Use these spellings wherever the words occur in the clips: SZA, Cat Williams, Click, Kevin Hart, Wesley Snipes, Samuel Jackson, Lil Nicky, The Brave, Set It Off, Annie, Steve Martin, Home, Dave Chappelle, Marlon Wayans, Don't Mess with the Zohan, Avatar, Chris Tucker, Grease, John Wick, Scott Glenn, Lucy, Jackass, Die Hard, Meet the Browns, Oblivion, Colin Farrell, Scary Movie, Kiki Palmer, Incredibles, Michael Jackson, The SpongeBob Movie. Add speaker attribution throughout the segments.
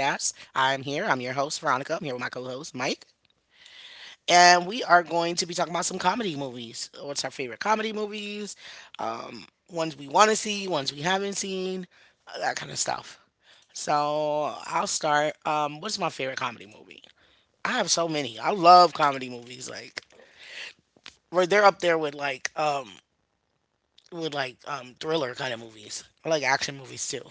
Speaker 1: I'm here. I'm your host, Veronica. I'm here with my co host, Mike. And we are going to be talking about some comedy movies. What's our favorite comedy movies? Um, Ones we want to see, ones we haven't seen, that kind of stuff. So I'll start. What's my favorite comedy movie? I have so many. I love comedy movies. Like, where they're up there with like, with like thriller kind of movies. I like action movies too.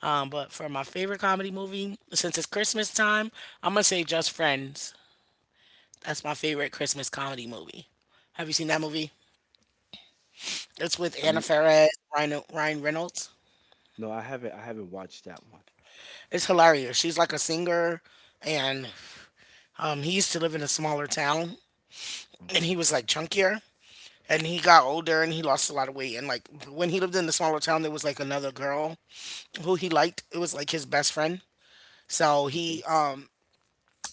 Speaker 1: But for my favorite comedy movie, since it's Christmas time, I'm gonna say Just Friends. That's my favorite Christmas comedy movie. Have you seen that movie? It's with
Speaker 2: Oh,
Speaker 1: Anna Faris, Ryan Reynolds.
Speaker 2: no, I haven't watched that one.
Speaker 1: It's hilarious. She's like a singer, and he used to live in a smaller town, and he
Speaker 2: Okay.
Speaker 1: was like chunkier, and he got older, and he lost a lot of weight. And like when he lived in the smaller town, there was like another girl who he liked. It was like his best friend. So he
Speaker 2: Okay.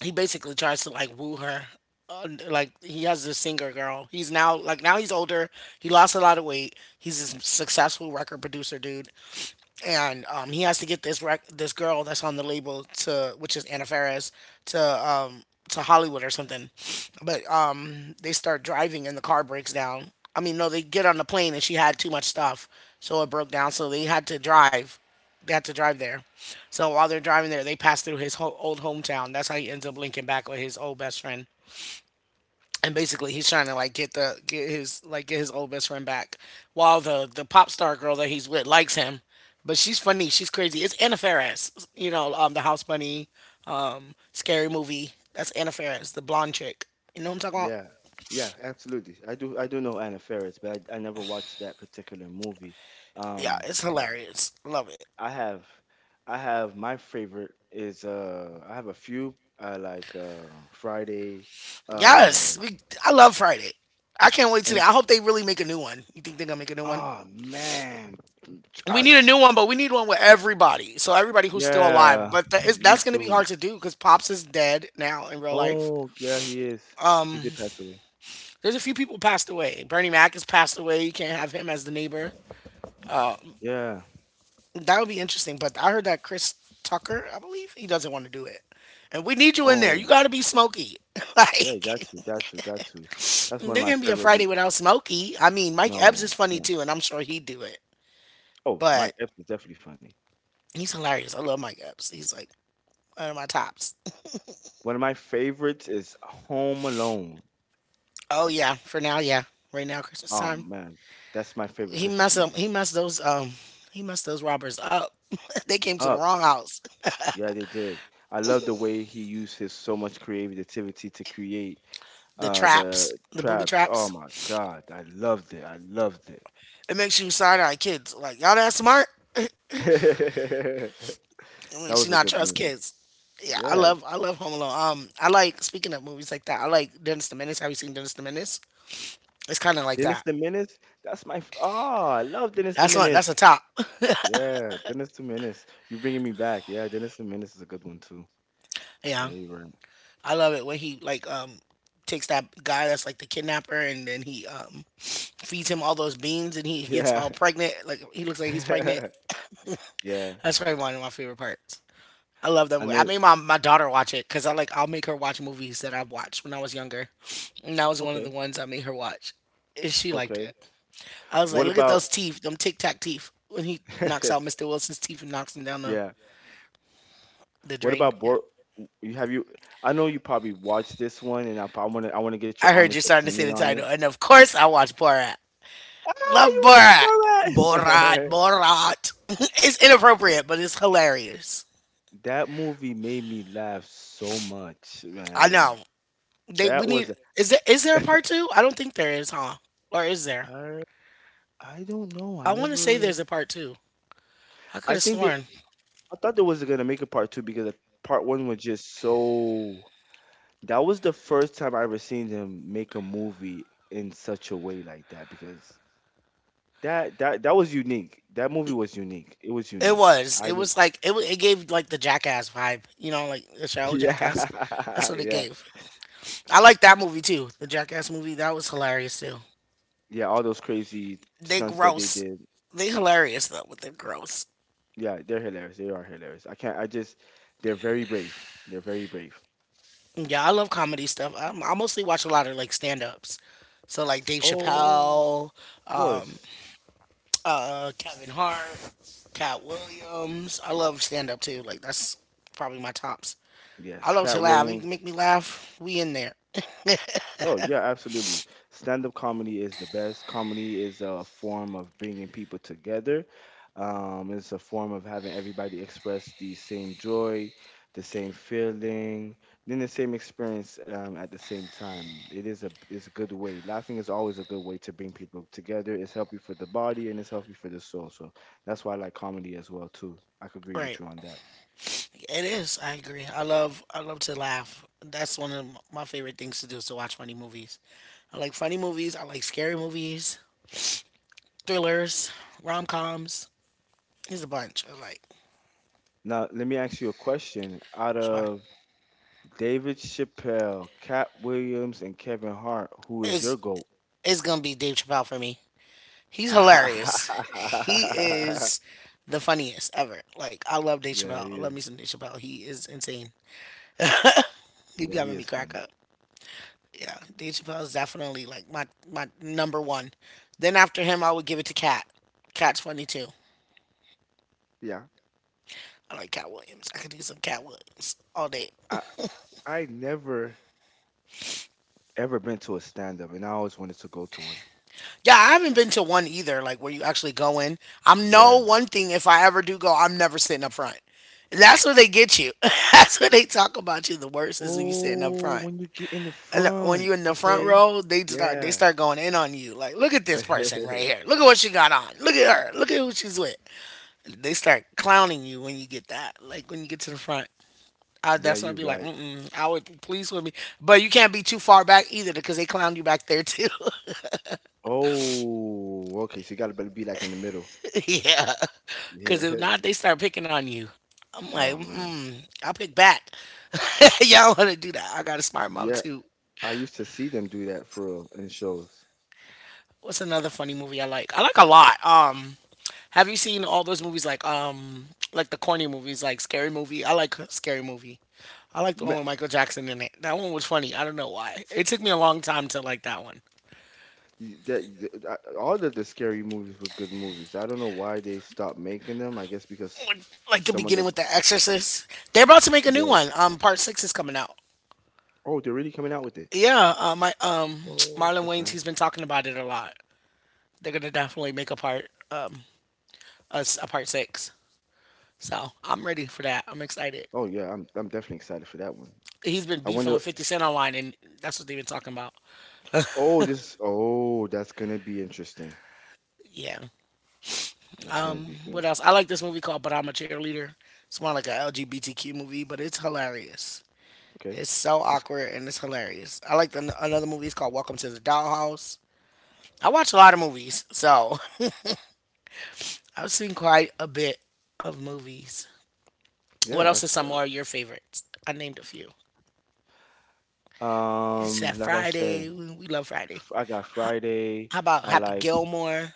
Speaker 1: he basically tries to like woo her. Like he has this singer girl. He's now like now he's older. He lost a lot of weight. He's a successful record producer dude and he has to get this this girl that's on the label to which is Anna Faris to um, to Hollywood or something. But they start driving and the car breaks down. I mean, no, they get on the plane and she had too much stuff, so it broke down. So they had to drive. They had to drive there. So while they're driving there, they pass through his old hometown. That's how he ends up linking back with his old best friend, and basically he's trying to like get the get his like get his old best friend back, while the pop star girl that he's with likes him, but she's funny, she's crazy, it's Anna Faris. You know, the house bunny, scary movie, that's Anna Faris, the blonde chick. You know what I'm talking about?
Speaker 2: Yeah. Yeah. Absolutely. I do. I do know Anna Faris, but I never watched that particular movie.
Speaker 1: Yeah,
Speaker 2: Um,
Speaker 1: it's hilarious, love it.
Speaker 2: I have. My favorite is. I have a few. I like Friday. Uh.
Speaker 1: Yes, we, I love Friday. I can't wait. Today
Speaker 2: And,
Speaker 1: I hope they really make a new one. You think they're gonna make a new one?
Speaker 2: oh man.
Speaker 1: We
Speaker 2: I,
Speaker 1: need a new one, but we need one with everybody. So everybody who's still alive.
Speaker 2: yeah.
Speaker 1: But that is,
Speaker 2: We
Speaker 1: that's going to be
Speaker 2: do.
Speaker 1: hard to do because Pops is dead now in real life.
Speaker 2: Oh yeah, he is. He did pass away.
Speaker 1: There's a few people passed away. Bernie Mac has passed away. You can't have him as the neighbor.
Speaker 2: Yeah.
Speaker 1: That would be interesting. But I heard that Chris Tucker, I believe, he doesn't want to do it. And we need you in there. You
Speaker 2: Oh.
Speaker 1: got to be Smokey.
Speaker 2: Yeah, you got
Speaker 1: Like,
Speaker 2: to, got to, got to. That's one of
Speaker 1: there
Speaker 2: my
Speaker 1: can be a
Speaker 2: favorite.
Speaker 1: Friday
Speaker 2: mo-
Speaker 1: without Smokey. I mean, Mike Epps is
Speaker 2: No,
Speaker 1: funny
Speaker 2: can't.
Speaker 1: too, and I'm sure he'd do it.
Speaker 2: Oh,
Speaker 1: But
Speaker 2: my F is definitely funny.
Speaker 1: he's hilarious. I love Mike Epps. He's like one of my tops.
Speaker 2: One of my favorites is Home Alone.
Speaker 1: Oh yeah, for now, yeah. Right now, Christmas
Speaker 2: Oh
Speaker 1: time.
Speaker 2: man, that's my favorite
Speaker 1: He
Speaker 2: Christmas
Speaker 1: messed up.
Speaker 2: movie.
Speaker 1: He messed those. He messed those robbers up. They came to the
Speaker 2: Up,
Speaker 1: wrong house.
Speaker 2: yeah, they did. I love the way he used his so much creativity to create
Speaker 1: The traps,
Speaker 2: the
Speaker 1: the booby
Speaker 2: traps. Oh
Speaker 1: traps.
Speaker 2: my God, I loved it. I loved
Speaker 1: It makes you side eye kids. Like y'all that smart.
Speaker 2: it.
Speaker 1: It
Speaker 2: That
Speaker 1: makes you
Speaker 2: was a
Speaker 1: not
Speaker 2: good
Speaker 1: trust
Speaker 2: movie.
Speaker 1: kids. Yeah,
Speaker 2: Yeah,
Speaker 1: I love Home Alone. I like, speaking of movies like that. I like Dennis the Menace. Have you seen Dennis the Menace? It's kind of like
Speaker 2: Dennis
Speaker 1: that.
Speaker 2: the Menace. Oh, I love Dennis the
Speaker 1: That's one. That's
Speaker 2: Menace.
Speaker 1: a top.
Speaker 2: Yeah, Dennis the Menace. You're bringing me back. Yeah, Dennis the Menace is a good one too.
Speaker 1: Yeah,
Speaker 2: Yeah, you're right.
Speaker 1: I love it when he like takes that guy that's like the kidnapper and then he feeds him all those beans and he gets
Speaker 2: Yeah.
Speaker 1: all pregnant. Like he looks like he's pregnant.
Speaker 2: Yeah.
Speaker 1: That's probably one of my favorite parts. I love that
Speaker 2: I
Speaker 1: movie. I
Speaker 2: know.
Speaker 1: made my daughter watch it because I like I'll make her watch movies that I've watched when I was younger, and that was one of the
Speaker 2: Okay.
Speaker 1: ones I made her watch, and she liked
Speaker 2: Okay.
Speaker 1: it. I was like,
Speaker 2: What
Speaker 1: look at
Speaker 2: about
Speaker 1: those teeth, them tic tac teeth. When he knocks out Mr. Wilson's teeth and knocks him down the,
Speaker 2: Yeah.
Speaker 1: the
Speaker 2: What
Speaker 1: drain.
Speaker 2: about
Speaker 1: Yeah,
Speaker 2: Bor you have you I know you probably watched this one and I want to get your
Speaker 1: I heard you
Speaker 2: honest
Speaker 1: starting to say
Speaker 2: opinion
Speaker 1: the
Speaker 2: on
Speaker 1: title,
Speaker 2: it.
Speaker 1: and of course I watch Borat.
Speaker 2: Ah,
Speaker 1: Love
Speaker 2: you watched
Speaker 1: Borat, Borat,
Speaker 2: Borat.
Speaker 1: Borat. It's inappropriate, but it's hilarious.
Speaker 2: That movie made me laugh so much,
Speaker 1: I
Speaker 2: man.
Speaker 1: know they we
Speaker 2: That
Speaker 1: need.
Speaker 2: was
Speaker 1: Is there a part two? I don't think there is, huh? Or is there?
Speaker 2: I I don't know. I
Speaker 1: I want to say
Speaker 2: never
Speaker 1: there's a part two. I could
Speaker 2: I
Speaker 1: have
Speaker 2: think they
Speaker 1: sworn
Speaker 2: I thought they was gonna make a part two because part one was just so. That was the first time I ever seen them make a movie in such a way like that because that was unique. That movie was unique. It was
Speaker 1: it
Speaker 2: unique.
Speaker 1: was.
Speaker 2: I
Speaker 1: It
Speaker 2: didn't-
Speaker 1: was like It gave like the Jackass vibe, you know, like the show Jackass. That's
Speaker 2: yeah
Speaker 1: what it
Speaker 2: yeah
Speaker 1: gave. I like that movie too. The Jackass movie that was hilarious too.
Speaker 2: yeah all those crazy
Speaker 1: They
Speaker 2: stunts that they
Speaker 1: gross.
Speaker 2: did.
Speaker 1: They hilarious though, but they're gross.
Speaker 2: Yeah, they're hilarious. They are hilarious. I can't. I just they're very brave. They're very brave.
Speaker 1: Yeah, I love comedy stuff. I mostly watch a lot of like stand ups. So like Dave
Speaker 2: Oh,
Speaker 1: Chappelle,
Speaker 2: of
Speaker 1: um,
Speaker 2: course.
Speaker 1: Kevin Hart, Cat Williams. I love stand up too. Like that's probably my tops. I
Speaker 2: Yes,
Speaker 1: love to
Speaker 2: Cat
Speaker 1: laugh. You
Speaker 2: Williams.
Speaker 1: can make me laugh. We in there.
Speaker 2: Oh, yeah, absolutely. Stand-up comedy is the best. Comedy is a form of bringing people together. It's a form of having everybody express the same joy, the same feeling, then the same experience at the same time. It's a good way. Laughing is always a good way to bring people together. It's healthy for the body and it's healthy for the soul. So that's why I like comedy as well too. I could agree
Speaker 1: Right.
Speaker 2: with you on that.
Speaker 1: It is. I agree. I love to laugh. That's one of my favorite things to do is to watch funny movies. I like funny movies. I like scary movies, thrillers, rom coms. There's a bunch. I like.
Speaker 2: Now, let me ask you a question. Out
Speaker 1: Sure.
Speaker 2: of David Chappelle, Cat Williams, and Kevin Hart. Who is your
Speaker 1: It's
Speaker 2: GOAT?
Speaker 1: it's gonna be Dave Chappelle for me. He's hilarious.
Speaker 2: yeah,
Speaker 1: He is the funniest ever. Like I love Dave
Speaker 2: he
Speaker 1: Chappelle. I love me
Speaker 2: is.
Speaker 1: some Dave Chappelle. He is insane. He be
Speaker 2: Yeah, he
Speaker 1: having me
Speaker 2: is
Speaker 1: crack
Speaker 2: funny.
Speaker 1: up. Yeah, Dave Chappelle is definitely like my number one. Then after him, I would give it to Cat. Cat's funny too.
Speaker 2: Yeah.
Speaker 1: I like Cat Williams. I could do some Cat Williams all day.
Speaker 2: I I never ever been to a stand up and I always wanted to go to one.
Speaker 1: Yeah, I haven't been to one either. Like where you actually go in. I'm no
Speaker 2: Yeah.
Speaker 1: one thing. If I ever do go, I'm never sitting up front. That's where they get you. That's where they talk about you the worst is when you sitting up
Speaker 2: Oh,
Speaker 1: front.
Speaker 2: when you get in the
Speaker 1: And when you
Speaker 2: front.
Speaker 1: in the front
Speaker 2: Okay.
Speaker 1: row, they start they
Speaker 2: Yeah.
Speaker 1: start going in on you. Like, look at this person right here. Look at what she got on. Look at her. Look at who she's with. They start clowning you when you get that, like when you get to the front.
Speaker 2: yeah,
Speaker 1: That's why I'd
Speaker 2: you're
Speaker 1: be like,
Speaker 2: right.
Speaker 1: mm-mm, I would please with me, but you can't be too far back either because they clown you back there too.
Speaker 2: Oh, okay. So you gotta be like in the middle.
Speaker 1: Yeah, because
Speaker 2: Yeah.
Speaker 1: if not, they start picking on you. I'm like,
Speaker 2: Oh man.
Speaker 1: mm, I'll pick back. Y'all want to do that? I got a smart mouth
Speaker 2: Yeah.
Speaker 1: too.
Speaker 2: I used to see them do that for real in shows.
Speaker 1: What's another funny movie I like? I like a lot. Have you seen all those movies like like the corny movies like Scary Movie? I like Scary Movie. I like the
Speaker 2: Ma-
Speaker 1: one with Michael Jackson in it. That one was funny. I don't know why. It took me a long time to like that one.
Speaker 2: All of the scary movies was good movies. I don't know why they stopped making them. I guess because
Speaker 1: Like the
Speaker 2: some of
Speaker 1: beginning
Speaker 2: the
Speaker 1: with The Exorcist. They're about to make a new
Speaker 2: yeah.
Speaker 1: one. Part six is coming out.
Speaker 2: Oh, they're really coming out with it.
Speaker 1: Yeah. My
Speaker 2: Oh,
Speaker 1: Marlon
Speaker 2: that's
Speaker 1: Wayans.
Speaker 2: nice.
Speaker 1: He's been talking about it a lot. They're gonna definitely make a a part six. So I'm ready for that. I'm excited.
Speaker 2: Oh yeah, I'm definitely excited for that one.
Speaker 1: He's been
Speaker 2: I
Speaker 1: beefing
Speaker 2: wonder.
Speaker 1: with 50 Cent online, and that's what they've been talking about.
Speaker 2: Oh, this. Oh, that's gonna be interesting.
Speaker 1: Yeah.
Speaker 2: That's gonna be good.
Speaker 1: What else? I like this movie called But I'm a Cheerleader. It's more like a LGBTQ movie, but it's hilarious.
Speaker 2: Okay.
Speaker 1: It's so
Speaker 2: That's,
Speaker 1: awkward and it's hilarious. I like the, another movie. It's called Welcome to the Dollhouse. I watch a lot of movies, so I've seen quite a bit of movies. What
Speaker 2: yeah.
Speaker 1: else is
Speaker 2: I've,
Speaker 1: some more of your favorites? I named a few. It's that
Speaker 2: like I
Speaker 1: Friday.
Speaker 2: said,
Speaker 1: We love Friday.
Speaker 2: I got
Speaker 1: H-
Speaker 2: Friday.
Speaker 1: How about
Speaker 2: I
Speaker 1: Happy
Speaker 2: like.
Speaker 1: Gilmore?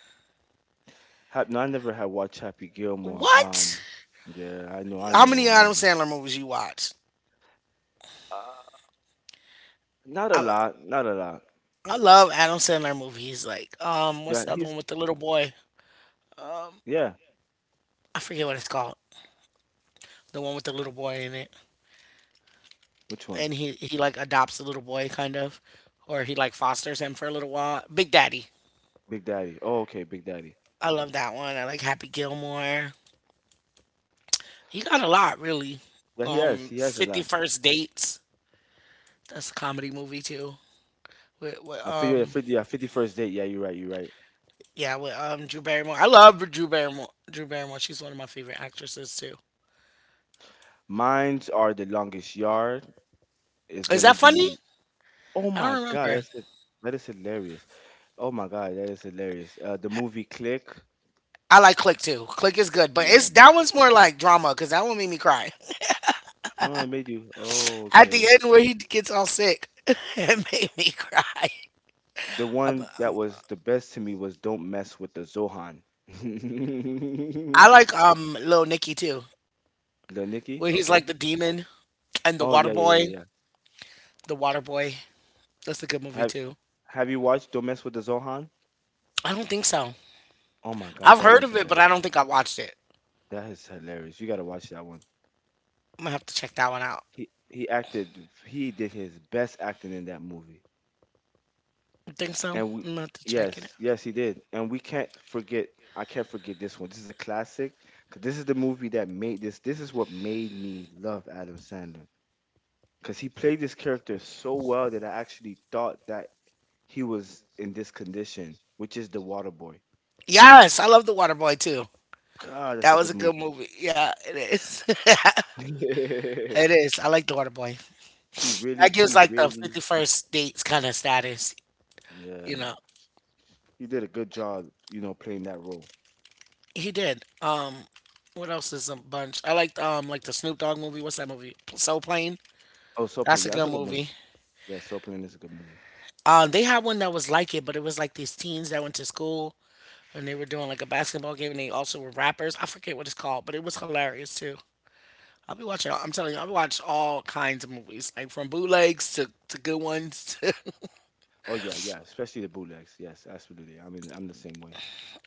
Speaker 2: No, I never had watched Happy Gilmore.
Speaker 1: What?
Speaker 2: Yeah, I know, I
Speaker 1: How many
Speaker 2: know, I
Speaker 1: Adam
Speaker 2: know.
Speaker 1: Sandler movies you watch?
Speaker 2: Uh, Not a
Speaker 1: I
Speaker 2: lot, not a lot.
Speaker 1: I love Adam Sandler movies. Like what's
Speaker 2: Yeah,
Speaker 1: the other
Speaker 2: he's
Speaker 1: one with the little boy?
Speaker 2: yeah.
Speaker 1: I forget what it's called. The one with the little boy in it.
Speaker 2: Which one?
Speaker 1: And he like adopts a little boy, kind of, or he like fosters him for a little while. Big Daddy.
Speaker 2: Big Daddy. Oh, okay, Big Daddy.
Speaker 1: I love that one. I like Happy Gilmore. He got a lot, really.
Speaker 2: Yeah, he has. He has a lot.
Speaker 1: 51st Dates. That's a comedy movie too. with, with
Speaker 2: I feel you.
Speaker 1: um
Speaker 2: Fifty. Yeah, 50 First date. Yeah, you're right. You're right.
Speaker 1: yeah, with Drew Barrymore. I love Drew Barrymore. Drew Barrymore, she's one of my favorite actresses too.
Speaker 2: Mines are the longest yard. Is
Speaker 1: Is
Speaker 2: gonna
Speaker 1: that funny?
Speaker 2: be. Oh
Speaker 1: I
Speaker 2: my
Speaker 1: don't
Speaker 2: God,
Speaker 1: remember.
Speaker 2: that's it. That is hilarious. Oh my God, that is hilarious. The movie Click.
Speaker 1: I like Click too. Click is good, but it's
Speaker 2: Yeah.
Speaker 1: that one's more like drama because that one made me cry
Speaker 2: Oh, I made you. Oh,
Speaker 1: at the
Speaker 2: okay.
Speaker 1: end where he gets all sick. It made me cry.
Speaker 2: The one that was the best to me was Don't Mess with the Zohan.
Speaker 1: I like Lil Nicky too,
Speaker 2: Lil Nicky.
Speaker 1: where he's like
Speaker 2: Okay.
Speaker 1: the demon, and the
Speaker 2: Oh
Speaker 1: water
Speaker 2: yeah, yeah, yeah,
Speaker 1: boy.
Speaker 2: yeah.
Speaker 1: The water boy. That's a good movie
Speaker 2: Have
Speaker 1: too.
Speaker 2: Have you watched Don't Mess with the Zohan?
Speaker 1: I don't think so.
Speaker 2: Oh my God,
Speaker 1: I've
Speaker 2: that
Speaker 1: heard
Speaker 2: one's
Speaker 1: of it, but
Speaker 2: hilarious.
Speaker 1: I don't think I watched it.
Speaker 2: That is hilarious. You gotta watch that one.
Speaker 1: I'm gonna have to check that one out.
Speaker 2: He acted. He did his best acting in that movie.
Speaker 1: You think so? I'm
Speaker 2: And we,
Speaker 1: gonna have to check it out.
Speaker 2: yes, yes, he did. And we can't forget. I can't forget this one. This is a classic. Cause this is the movie that made this. This is what made me love Adam Sandler. Cause he played this character so well that I actually thought that he was in this condition, which is the Water Boy.
Speaker 1: Yes, I love the water boy too.
Speaker 2: God, that's
Speaker 1: That
Speaker 2: a
Speaker 1: was
Speaker 2: good
Speaker 1: a good
Speaker 2: movie.
Speaker 1: movie. Yeah, it is. it is. I like the water boy. That gives
Speaker 2: He
Speaker 1: like the
Speaker 2: really,
Speaker 1: 51st dates kind of status,
Speaker 2: yeah,
Speaker 1: you know.
Speaker 2: he did a good job, you know, playing that role.
Speaker 1: He did. What else is a bunch? I liked like the Snoop Dogg movie. What's that movie? Soul Plane.
Speaker 2: Oh, Soul Plane,
Speaker 1: That's a
Speaker 2: yeah, that's
Speaker 1: good
Speaker 2: a good movie.
Speaker 1: movie.
Speaker 2: Yeah, Soul Plane is a good movie.
Speaker 1: They had one that was like it, but it was like these teens that went to school and they were doing like a basketball game and they also were rappers. I forget what it's called, but it was hilarious too. I'll be watching, I'm telling you, I've watched all kinds of movies, like from bootlegs to good ones.
Speaker 2: Oh yeah, yeah, especially the bootlegs. Yes, absolutely. I mean, I'm the same way.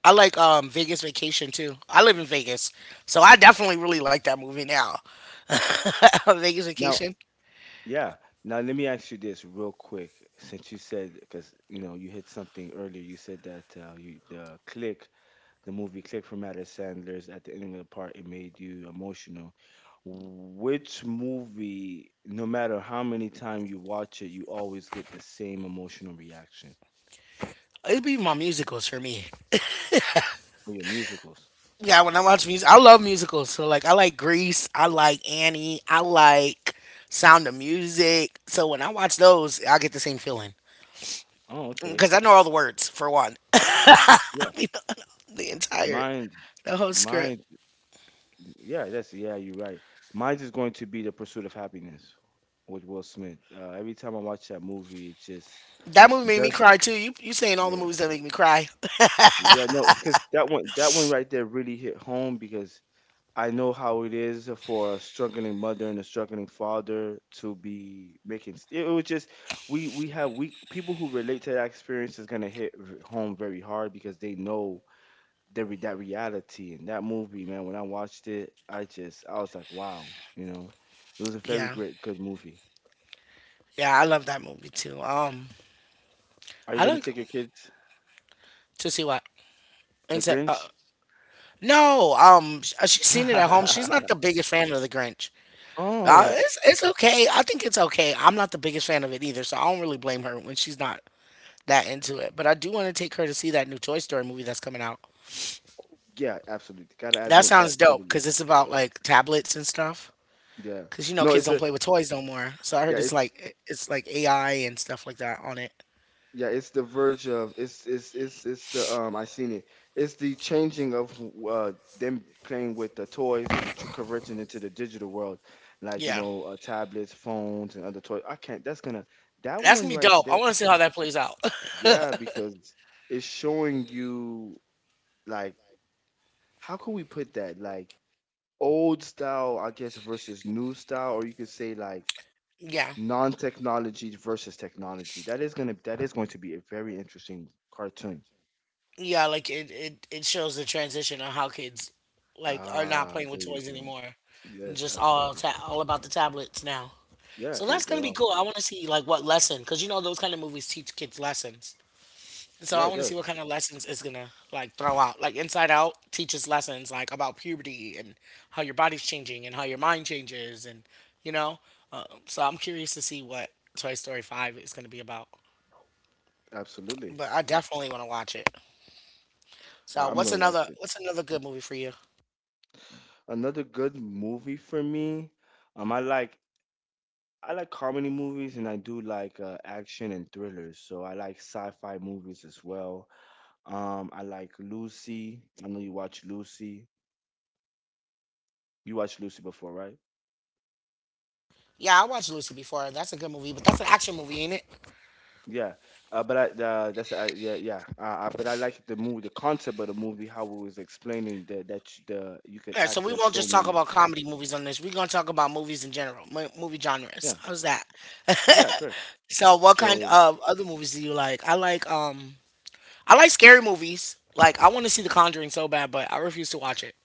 Speaker 1: I like Vegas Vacation too. I live in Vegas, so I definitely really like that movie now. Vegas
Speaker 2: Now,
Speaker 1: Vacation.
Speaker 2: yeah. Now let me ask you this real quick, since you said because you know you hit something earlier. You said that you the click the movie clicked from Adam Sandler's at the ending of the part it made you emotional. Which movie, no matter how many times you watch it, you always get the same emotional reaction
Speaker 1: It'd be my musicals for me.
Speaker 2: for your musicals?
Speaker 1: Yeah, when I watch music, I love musicals. So like, I like Grease, I like Annie, I like Sound of Music. So when I watch those, I get the same feeling
Speaker 2: Oh, okay.
Speaker 1: because I know all the words for one. I
Speaker 2: Yeah.
Speaker 1: mean, the entire
Speaker 2: Mine
Speaker 1: the whole script.
Speaker 2: mine yeah, that's yeah, you're right. Mine's is going to be The Pursuit of Happiness with Will Smith. Every time I watch that movie, it just
Speaker 1: That movie made me
Speaker 2: does
Speaker 1: cry too. You saying all the
Speaker 2: yeah.
Speaker 1: movies that make me cry?
Speaker 2: Yeah, no, because that one right there really hit home because I know how it is for a struggling mother and a struggling father to be making. It was just we people who relate to that experience is gonna home very hard because they know that reality and that movie, man. When I watched it, I was like, wow, you know, it was a very
Speaker 1: Yeah,
Speaker 2: great good movie.
Speaker 1: yeah, I love that movie too.
Speaker 2: Are you
Speaker 1: I
Speaker 2: gonna
Speaker 1: like
Speaker 2: take your kids
Speaker 1: to see what.
Speaker 2: The
Speaker 1: Instead,
Speaker 2: Grinch?
Speaker 1: no, she's seen it at home. She's not the biggest fan of the Grinch.
Speaker 2: oh d-
Speaker 1: It's okay. I think it's okay. I'm not the biggest fan of it either, so I don't really blame her when she's not that into it. But I do want to take her to see that new Toy Story movie that's coming out.
Speaker 2: yeah, absolutely. Gotta add
Speaker 1: That sounds
Speaker 2: that to
Speaker 1: dope
Speaker 2: the
Speaker 1: because
Speaker 2: list.
Speaker 1: it's about like tablets and stuff.
Speaker 2: Yeah,
Speaker 1: Because you know
Speaker 2: no,
Speaker 1: kids
Speaker 2: it's
Speaker 1: don't
Speaker 2: a
Speaker 1: play with toys no more. So I heard
Speaker 2: yeah,
Speaker 1: it's
Speaker 2: it's
Speaker 1: like AI and stuff like that on it.
Speaker 2: Yeah, it's the verge of it's the I seen it. It's the changing of uh them playing with the toys and converting into the digital world, like you
Speaker 1: Yeah,
Speaker 2: know tablets, phones, and other toys. I can't. That
Speaker 1: that's
Speaker 2: one
Speaker 1: gonna be
Speaker 2: right
Speaker 1: dope.
Speaker 2: there.
Speaker 1: I want to see how that plays out.
Speaker 2: Yeah, because it's showing you like how could we put that like old style I guess versus new style, or you could say like
Speaker 1: Yeah,
Speaker 2: non-technology versus technology. That is going to be a very interesting cartoon.
Speaker 1: yeah, like it shows the transition on how kids like are not
Speaker 2: Ah,
Speaker 1: playing
Speaker 2: there
Speaker 1: with
Speaker 2: you
Speaker 1: toys
Speaker 2: go.
Speaker 1: anymore, and
Speaker 2: Yes,
Speaker 1: just
Speaker 2: absolutely.
Speaker 1: all about the tablets now.
Speaker 2: Yeah,
Speaker 1: So
Speaker 2: they
Speaker 1: that's gonna
Speaker 2: they're
Speaker 1: be
Speaker 2: all.
Speaker 1: cool. I want to see like what lesson, because you know those kind of movies teach kids lessons. So I
Speaker 2: Yeah, it
Speaker 1: want to see
Speaker 2: does.
Speaker 1: what kind of lessons it's gonna like throw out. Like Inside Out teaches lessons like about puberty and how your body's changing and how your mind changes, and you know. So I'm curious to see what Toy Story Five is gonna be about.
Speaker 2: Absolutely.
Speaker 1: But I definitely want to watch it.
Speaker 2: I,
Speaker 1: So
Speaker 2: I'm gonna watch it.
Speaker 1: what's another good movie for you?
Speaker 2: Another good movie for me. Um, I like I like comedy movies and I do like action and thrillers. So I like sci-fi movies as well. I like Lucy. I know you watch Lucy. You watched Lucy before, right?
Speaker 1: Yeah, I watched Lucy before. That's a good movie, but that's an action movie, ain't it?
Speaker 2: Yeah, but I that's I, yeah yeah. But I like the movie, the concept of the movie, how it was explaining that that sh- the you could
Speaker 1: All right, so we
Speaker 2: access
Speaker 1: won't
Speaker 2: so
Speaker 1: just talk
Speaker 2: many.
Speaker 1: about comedy movies on this. We're gonna talk about movies in general, movie genres.
Speaker 2: Yeah,
Speaker 1: How's that?
Speaker 2: yeah, correct.
Speaker 1: So what kind
Speaker 2: So
Speaker 1: of other movies do you like? I like I like scary movies. Like I want to see The Conjuring so bad, but I refuse to watch it.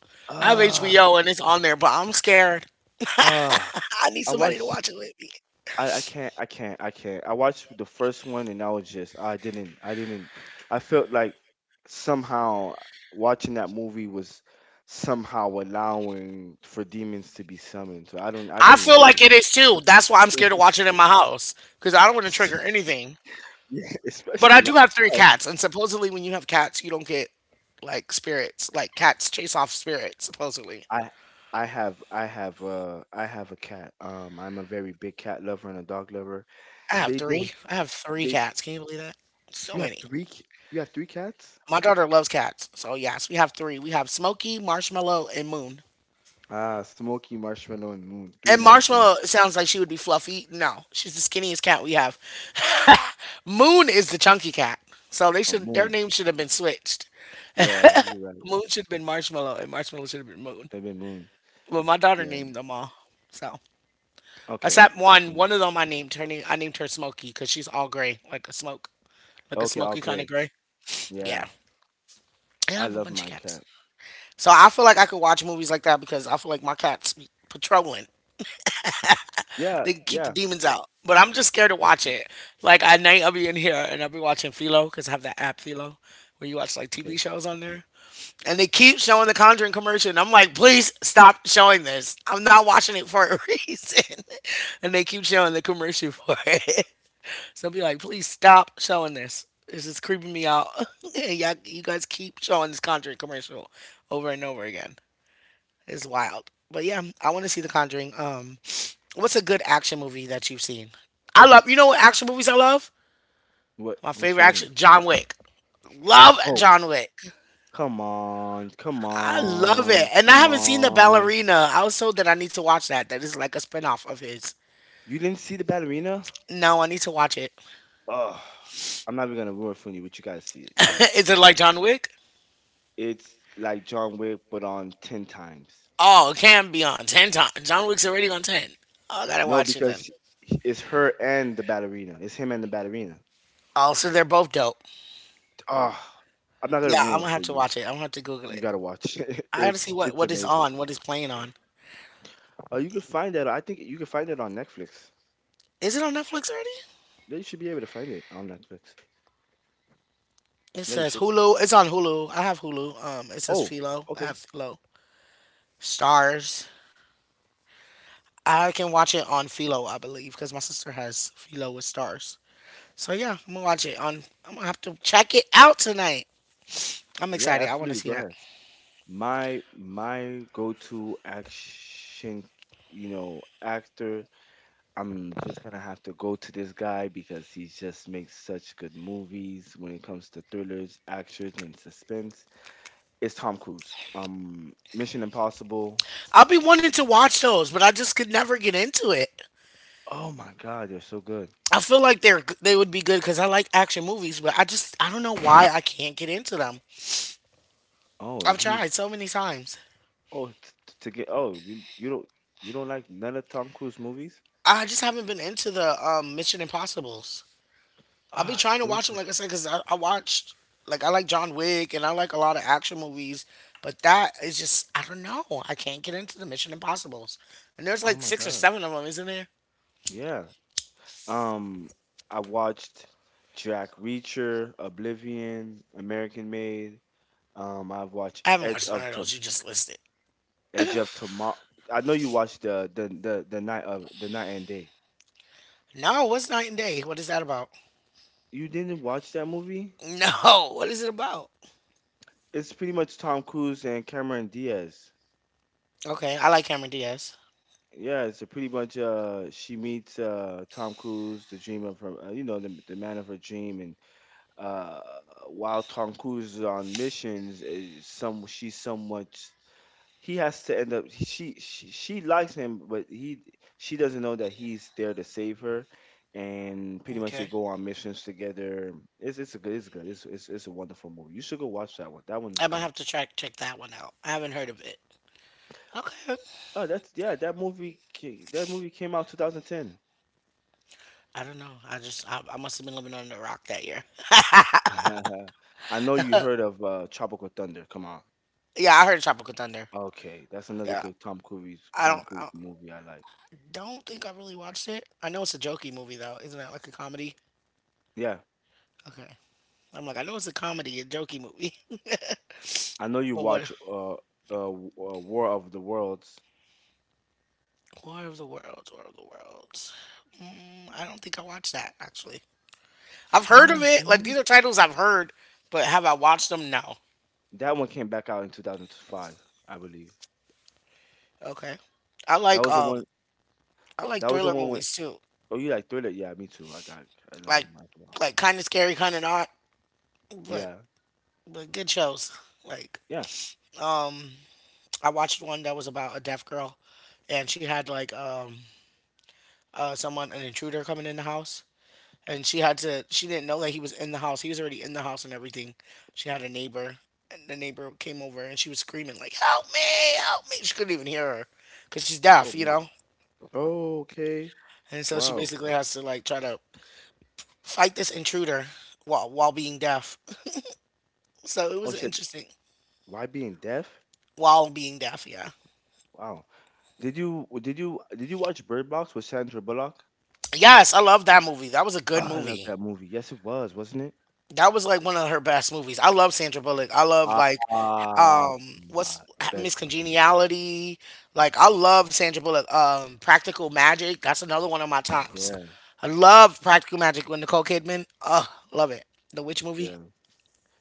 Speaker 1: I have
Speaker 2: ah uh,
Speaker 1: HBO and it's on there, but I'm scared.
Speaker 2: ah,
Speaker 1: I need
Speaker 2: I
Speaker 1: somebody to
Speaker 2: watched.
Speaker 1: watch it with me.
Speaker 2: I can't. I watched the first one and I was just I didn't. I felt like somehow watching that movie was somehow allowing for demons to be summoned. So I don't I
Speaker 1: I
Speaker 2: didn't
Speaker 1: feel
Speaker 2: like
Speaker 1: like
Speaker 2: it.
Speaker 1: it is too. That's why I'm scared to watch it in my house because I don't want to trigger anything.
Speaker 2: yeah,
Speaker 1: But
Speaker 2: especially
Speaker 1: I do have three
Speaker 2: now.
Speaker 1: cats, and supposedly when you have cats, you don't get like spirits. Like cats chase off spirits. Supposedly,
Speaker 2: I I have a cat. I'm a very big cat lover and a dog lover.
Speaker 1: I have
Speaker 2: They don't
Speaker 1: three. I have three
Speaker 2: they
Speaker 1: cats. Can you believe that? So
Speaker 2: you have
Speaker 1: many.
Speaker 2: three c- you have three cats?
Speaker 1: My daughter loves cats. So yes, we have three. We have Smokey, Marshmallow, and Moon.
Speaker 2: Ah, Smokey, Marshmallow, and Moon. Three
Speaker 1: And
Speaker 2: nice things.
Speaker 1: Marshmallow sounds like she would be fluffy. No, she's the skinniest cat we have. Moon is the chunky cat. So they
Speaker 2: Oh,
Speaker 1: should their
Speaker 2: Moon.
Speaker 1: names should have been switched.
Speaker 2: Yeah, you're right.
Speaker 1: Moon should have been Marshmallow and Marshmallow should have been Moon.
Speaker 2: They've been Moon.
Speaker 1: But my daughter
Speaker 2: Yeah.
Speaker 1: named them all. So
Speaker 2: Okay.
Speaker 1: except
Speaker 2: Mhm.
Speaker 1: one of them I named her Smokey because she's all gray, like a smoke, like a
Speaker 2: Okay. All
Speaker 1: smoky kind of
Speaker 2: great.
Speaker 1: gray.
Speaker 2: Yeah.
Speaker 1: Yeah. And I
Speaker 2: I
Speaker 1: have a
Speaker 2: love
Speaker 1: bunch of
Speaker 2: my
Speaker 1: cats.
Speaker 2: cat.
Speaker 1: So I feel like I could watch movies like that because I feel like my cats be patrolling.
Speaker 2: Yeah.
Speaker 1: They can keep the
Speaker 2: Yeah.
Speaker 1: demons out. But I'm just scared to watch
Speaker 2: That's-
Speaker 1: it. Like at night, I'll be in here and I'll be watching Philo because I have that app Philo where you watch like TV
Speaker 2: Okay.
Speaker 1: shows on there. And they keep showing the Conjuring commercial, and I'm like, please stop showing this. I'm not watching it for a reason. And they keep showing the commercial for it. So I'll be like, please stop showing this. This is creeping me out. Yeah, you guys keep showing this Conjuring commercial over and over again. It's wild. But yeah, I want to see the Conjuring. What's a good action movie that you've seen? I love. You know what action movies I love?
Speaker 2: What?
Speaker 1: My
Speaker 2: Which
Speaker 1: favorite
Speaker 2: one?
Speaker 1: action, John Wick. Love
Speaker 2: Oh,
Speaker 1: John Wick.
Speaker 2: come on. Come
Speaker 1: I love it.
Speaker 2: on.
Speaker 1: And I
Speaker 2: Come
Speaker 1: haven't seen The
Speaker 2: on.
Speaker 1: Ballerina. I was told that I need to watch that. That is like a spinoff of his.
Speaker 2: You didn't see the ballerina?
Speaker 1: No, I need to watch it.
Speaker 2: Oh, I'm not even gonna ruin it for you, but you guys see it. You guys, see
Speaker 1: is it like John Wick?
Speaker 2: it. It's like John Wick, but on 10 times.
Speaker 1: Oh, it can be on 10 times. John Wick's already on 10. Oh, I gotta
Speaker 2: No,
Speaker 1: watch it then.
Speaker 2: because it's her and the ballerina. It's him and the ballerina.
Speaker 1: Oh, so they're both dope.
Speaker 2: Ah, I'm not gonna
Speaker 1: Yeah, I'm
Speaker 2: ruin it
Speaker 1: gonna have
Speaker 2: for
Speaker 1: to
Speaker 2: you.
Speaker 1: watch it. I'm gonna have to Google
Speaker 2: You
Speaker 1: it.
Speaker 2: gotta watch it.
Speaker 1: I gotta see
Speaker 2: It's
Speaker 1: what is
Speaker 2: amazing.
Speaker 1: on, what is playing on.
Speaker 2: Oh, you can find that. I think you can find it on Netflix.
Speaker 1: Is it on Netflix already?
Speaker 2: Yeah, you should be able to find it on Netflix.
Speaker 1: It
Speaker 2: Yeah, you
Speaker 1: says
Speaker 2: should.
Speaker 1: Hulu. It's on Hulu. I have Hulu. It says
Speaker 2: Oh,
Speaker 1: Philo. I have
Speaker 2: okay.
Speaker 1: Philo. Stars. I can watch it on Philo, I believe, because my sister has Philo with Stars. So yeah, I'm gonna watch it on. I'm gonna have to check it out tonight. I'm
Speaker 2: Yeah,
Speaker 1: excited. I want to
Speaker 2: absolutely.
Speaker 1: see
Speaker 2: Go
Speaker 1: that.
Speaker 2: ahead. My go-to action, you know, actor I'm just gonna have to go to this guy because he just makes such good movies when it comes to thrillers, actions, and suspense. It's Tom Cruise. Mission Impossible.
Speaker 1: I'll be wanting to watch those, but I just could never get into it.
Speaker 2: Oh my God, they're so good.
Speaker 1: I feel like they would be good because I like action movies, but I don't know why I can't get into them.
Speaker 2: Oh,
Speaker 1: I've
Speaker 2: and
Speaker 1: tried
Speaker 2: he's
Speaker 1: so many times.
Speaker 2: oh t- t- to get Oh, you you don't like none of Tom Cruise movies?
Speaker 1: I just haven't been into the Mission Impossible's. I'll be
Speaker 2: Oh,
Speaker 1: trying to
Speaker 2: those
Speaker 1: watch them, like I said, because I watched, like, I like John Wick and I like a lot of action movies, but that is just, I don't know. I can't get into the Mission Impossibles. And there's
Speaker 2: are oh
Speaker 1: like
Speaker 2: my
Speaker 1: six or
Speaker 2: God,
Speaker 1: seven of them, isn't there?
Speaker 2: yeah. Um, I watched Jack Reacher, Oblivion, American Made. I've watched
Speaker 1: I haven't watched none of those. You just listed.
Speaker 2: Edge of Tomorrow. I know you watched the night of the night and day.
Speaker 1: No, what's Night and Day? What is that about?
Speaker 2: You didn't watch that movie?
Speaker 1: No, what is it about?
Speaker 2: It's pretty much Tom Cruise and Cameron Diaz.
Speaker 1: Okay, I like Cameron Diaz.
Speaker 2: Yeah, it's a pretty much she meets Tom Cruise, the dream of her, the man of her dream, and uh while Tom Cruise is on missions, is some she's somewhat he has to end up she, she likes him but he she doesn't know that he's there to save her, and pretty much they
Speaker 1: Okay,
Speaker 2: go on missions together. It's a good it's good it's a wonderful movie. You should go watch that one. That one is
Speaker 1: I might
Speaker 2: good.
Speaker 1: have to track check that one out. I haven't heard of it. Okay,
Speaker 2: Oh that's, yeah, that movie that movie came out 2010.
Speaker 1: I don't know. I must have been living under a rock that year.
Speaker 2: I know you heard of Tropical Thunder, come on.
Speaker 1: Yeah, I heard Tropical Thunder.
Speaker 2: Okay, that's another
Speaker 1: Yeah,
Speaker 2: good
Speaker 1: I don't.
Speaker 2: Tom
Speaker 1: I,
Speaker 2: Cruise movie I like.
Speaker 1: don't think I really watched it. I know it's a jokey movie though, isn't that like a comedy?
Speaker 2: Yeah,
Speaker 1: Okay, I'm like I know it's a comedy, a jokey movie.
Speaker 2: I know you
Speaker 1: but what?
Speaker 2: watch War of the Worlds.
Speaker 1: War of the Worlds, War of the Worlds. Mm, I don't think I watched that actually. I've heard of
Speaker 2: Oh,
Speaker 1: it. Like
Speaker 2: War.
Speaker 1: these are titles I've heard, but have I watched them? No.
Speaker 2: That one came back out in 2005, I believe.
Speaker 1: Okay. I
Speaker 2: That
Speaker 1: like
Speaker 2: was the
Speaker 1: um
Speaker 2: one.
Speaker 1: I like
Speaker 2: That was the
Speaker 1: thriller
Speaker 2: one with.
Speaker 1: movies too.
Speaker 2: Oh, you like Thriller? Yeah, me too. I got. I love
Speaker 1: Like
Speaker 2: him well.
Speaker 1: like kind of scary, kind of not, but
Speaker 2: Yeah.
Speaker 1: good shows. Like
Speaker 2: Yeah.
Speaker 1: um I watched one that was about a deaf girl and she had like someone, an intruder coming in the house, and she had to. She didn't know that he was in the house. He was already in the house and everything. She had a neighbor, and the neighbor came over, and she was screaming like, "Help me! Help me!" She couldn't even hear her because she's
Speaker 2: Oh
Speaker 1: deaf, you
Speaker 2: man.
Speaker 1: know.
Speaker 2: Oh, okay.
Speaker 1: And so she
Speaker 2: Wow.
Speaker 1: basically has to like try to fight this intruder while being deaf. So it
Speaker 2: Oh
Speaker 1: was
Speaker 2: shit.
Speaker 1: interesting
Speaker 2: Why being deaf?
Speaker 1: while being deaf. Yeah.
Speaker 2: Wow. Did you watch Bird Box with Sandra Bullock?
Speaker 1: Yes, I love that movie. That was a
Speaker 2: Oh,
Speaker 1: good
Speaker 2: I love
Speaker 1: movie.
Speaker 2: that movie. Yes, it was, wasn't it?
Speaker 1: That was like one of her best movies. I love Sandra Bullock. I love
Speaker 2: Ah,
Speaker 1: like what's
Speaker 2: her best
Speaker 1: Miss
Speaker 2: movie.
Speaker 1: Congeniality. Like I love Sandra Bullock. Practical Magic. That's another one of my tops.
Speaker 2: Yeah,
Speaker 1: I love Practical Magic with Nicole Kidman. Ugh, love it. The Witch movie.
Speaker 2: yeah,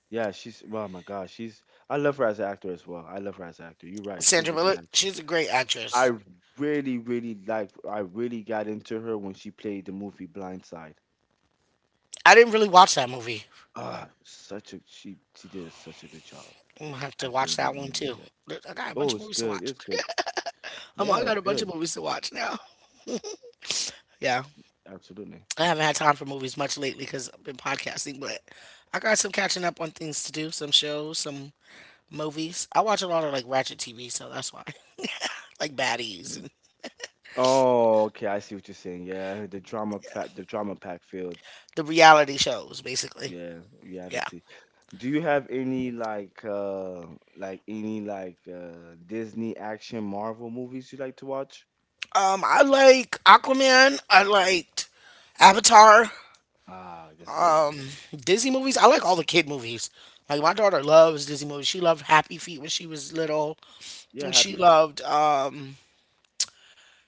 Speaker 2: yeah. She's. Oh my God, she's. I love her as an actor as well. I love her as an actor. You're right. She's
Speaker 1: Sandra
Speaker 2: a good
Speaker 1: Bullock,
Speaker 2: actor.
Speaker 1: she's a great
Speaker 2: I
Speaker 1: actress.
Speaker 2: really, really liked. I really got into her when she played the movie Blindside.
Speaker 1: I didn't really watch that movie.
Speaker 2: Ah, such a she did such a good job
Speaker 1: I'm gonna have to
Speaker 2: acting
Speaker 1: watch
Speaker 2: in
Speaker 1: that
Speaker 2: that
Speaker 1: one
Speaker 2: movie.
Speaker 1: too.
Speaker 2: Yeah.
Speaker 1: I got a bunch
Speaker 2: Oh,
Speaker 1: of
Speaker 2: it's
Speaker 1: movies to
Speaker 2: good.
Speaker 1: watch.
Speaker 2: It's good. Yeah,
Speaker 1: I got
Speaker 2: it's
Speaker 1: a bunch of
Speaker 2: good.
Speaker 1: movies to watch now. Yeah.
Speaker 2: Absolutely.
Speaker 1: I haven't had time for movies much lately because I've been podcasting, but I got some catching up on things to do, some shows, some movies. I watch a lot of like Ratchet TV, so that's why. like baddies and
Speaker 2: Oh, okay. I see what you're saying. Yeah, the drama the drama pack field.
Speaker 1: the reality shows, basically.
Speaker 2: Yeah,
Speaker 1: Yeah.
Speaker 2: reality. Do you have any like any Disney action Marvel movies you like to watch?
Speaker 1: I like Aquaman. I liked Avatar,
Speaker 2: Ah, that's good.
Speaker 1: Disney movies. I like all the kid movies. Like my daughter loves Disney movies. She loved Happy Feet when she was little.
Speaker 2: Yeah,
Speaker 1: And she
Speaker 2: happy feet.
Speaker 1: loved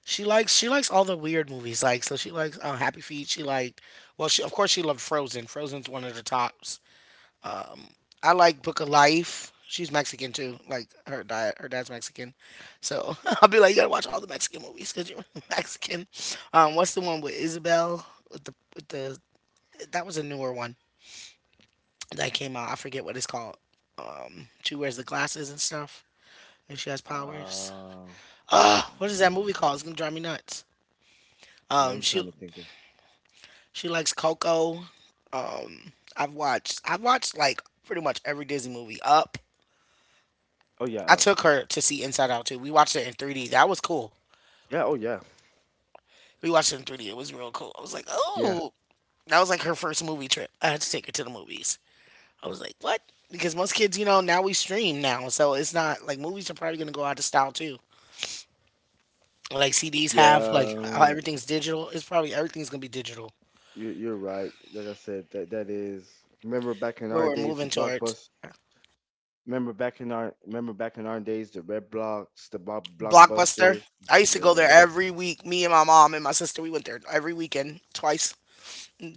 Speaker 1: she likes all the weird movies. So she likes Happy Feet. She of course she loved Frozen. Frozen's one of the tops. Um, I like Book of Life. She's Mexican too. Like her diet, her dad's Mexican, so I'll be like, you gotta watch all the Mexican movies because you're Mexican. What's the one with Isabel? With the that was a newer one that came out. I forget what it's called. She wears the glasses and stuff, and she has powers.
Speaker 2: Uh.
Speaker 1: What is that movie called? It's gonna drive me nuts.
Speaker 2: Yeah,
Speaker 1: Um,
Speaker 2: I'm
Speaker 1: she
Speaker 2: trying to think of.
Speaker 1: She likes Coco. I've watched like pretty much every Disney movie. Up.
Speaker 2: Oh yeah,
Speaker 1: I
Speaker 2: up.
Speaker 1: took her to see Inside Out too. We watched it in 3D. That was cool.
Speaker 2: Yeah. Oh yeah.
Speaker 1: We watched it in 3D. It was real cool. I was like,
Speaker 2: Yeah.
Speaker 1: oh, that was like her first movie trip. I had to take her to the movies. I was like, what? Because most kids, you know, now we stream now, so it's not like movies are probably gonna go out of style too. Like CDs have,
Speaker 2: Yeah.
Speaker 1: like how everything's digital. It's probably everything's gonna be digital.
Speaker 2: You're right. Like I said, that that is. Remember back in
Speaker 1: Where
Speaker 2: our
Speaker 1: we're
Speaker 2: days, the
Speaker 1: moving towards.
Speaker 2: blockbuster. Remember back in our days, the red blocks, the
Speaker 1: Blockbuster.
Speaker 2: blockbusters.
Speaker 1: I used to go there
Speaker 2: Yeah.
Speaker 1: every week. Me and my mom and my sister, we went there every weekend, twice.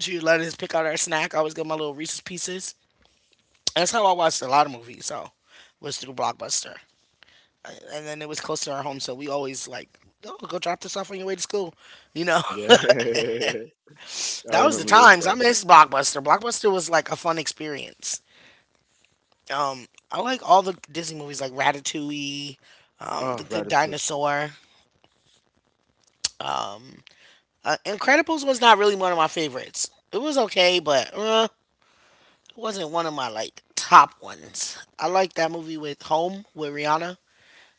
Speaker 1: She would let us pick out our snack. I always get my little Reese's Pieces. That's how I watched a lot of movies. So was through Blockbuster, and then it was close to our home, so we always like. Oh, go drop this off on your way to school. You know,
Speaker 2: Yeah. I
Speaker 1: that was the
Speaker 2: remember those
Speaker 1: times. I
Speaker 2: things.
Speaker 1: miss Blockbuster. Blockbuster was like a fun experience. Um, I like all the Disney movies, like Ratatouille,
Speaker 2: Oh,
Speaker 1: The Good
Speaker 2: Ratatouille.
Speaker 1: Dinosaur. Incredibles was not really one of my favorites. It was okay, but it wasn't one of my like top ones. I liked that movie with Home with Rihanna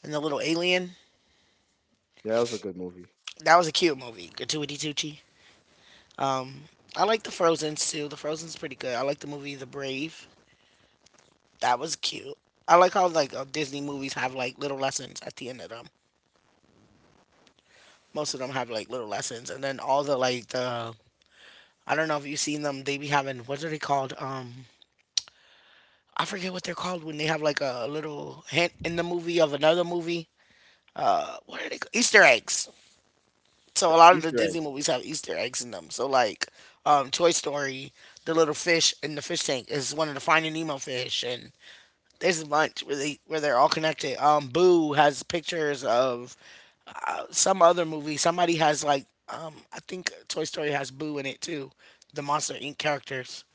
Speaker 1: and the little alien.
Speaker 2: Yeah, that was a good movie.
Speaker 1: That was a cute movie. Gratuity Tucci. Um, I like the Frozen's too. The Frozen's pretty good. I like the movie The Brave. That was cute. I like how like Disney movies have like little lessons at the end of them. Most of them have like little lessons, and then all the like the I don't know if you've seen them. They be having what are they called? I forget what they're called when they have like a little hint in the movie of another movie. What are they called? Easter eggs. So a lot of the
Speaker 2: Easter
Speaker 1: Disney
Speaker 2: eggs.
Speaker 1: movies have Easter eggs in them. So like, Toy Story, the little fish in the fish tank is one of the Finding Nemo fish, and there's a bunch where they're all connected. Boo has pictures of some other movie. Somebody has like, I think Toy Story has Boo in it too. The Monster Inc. characters.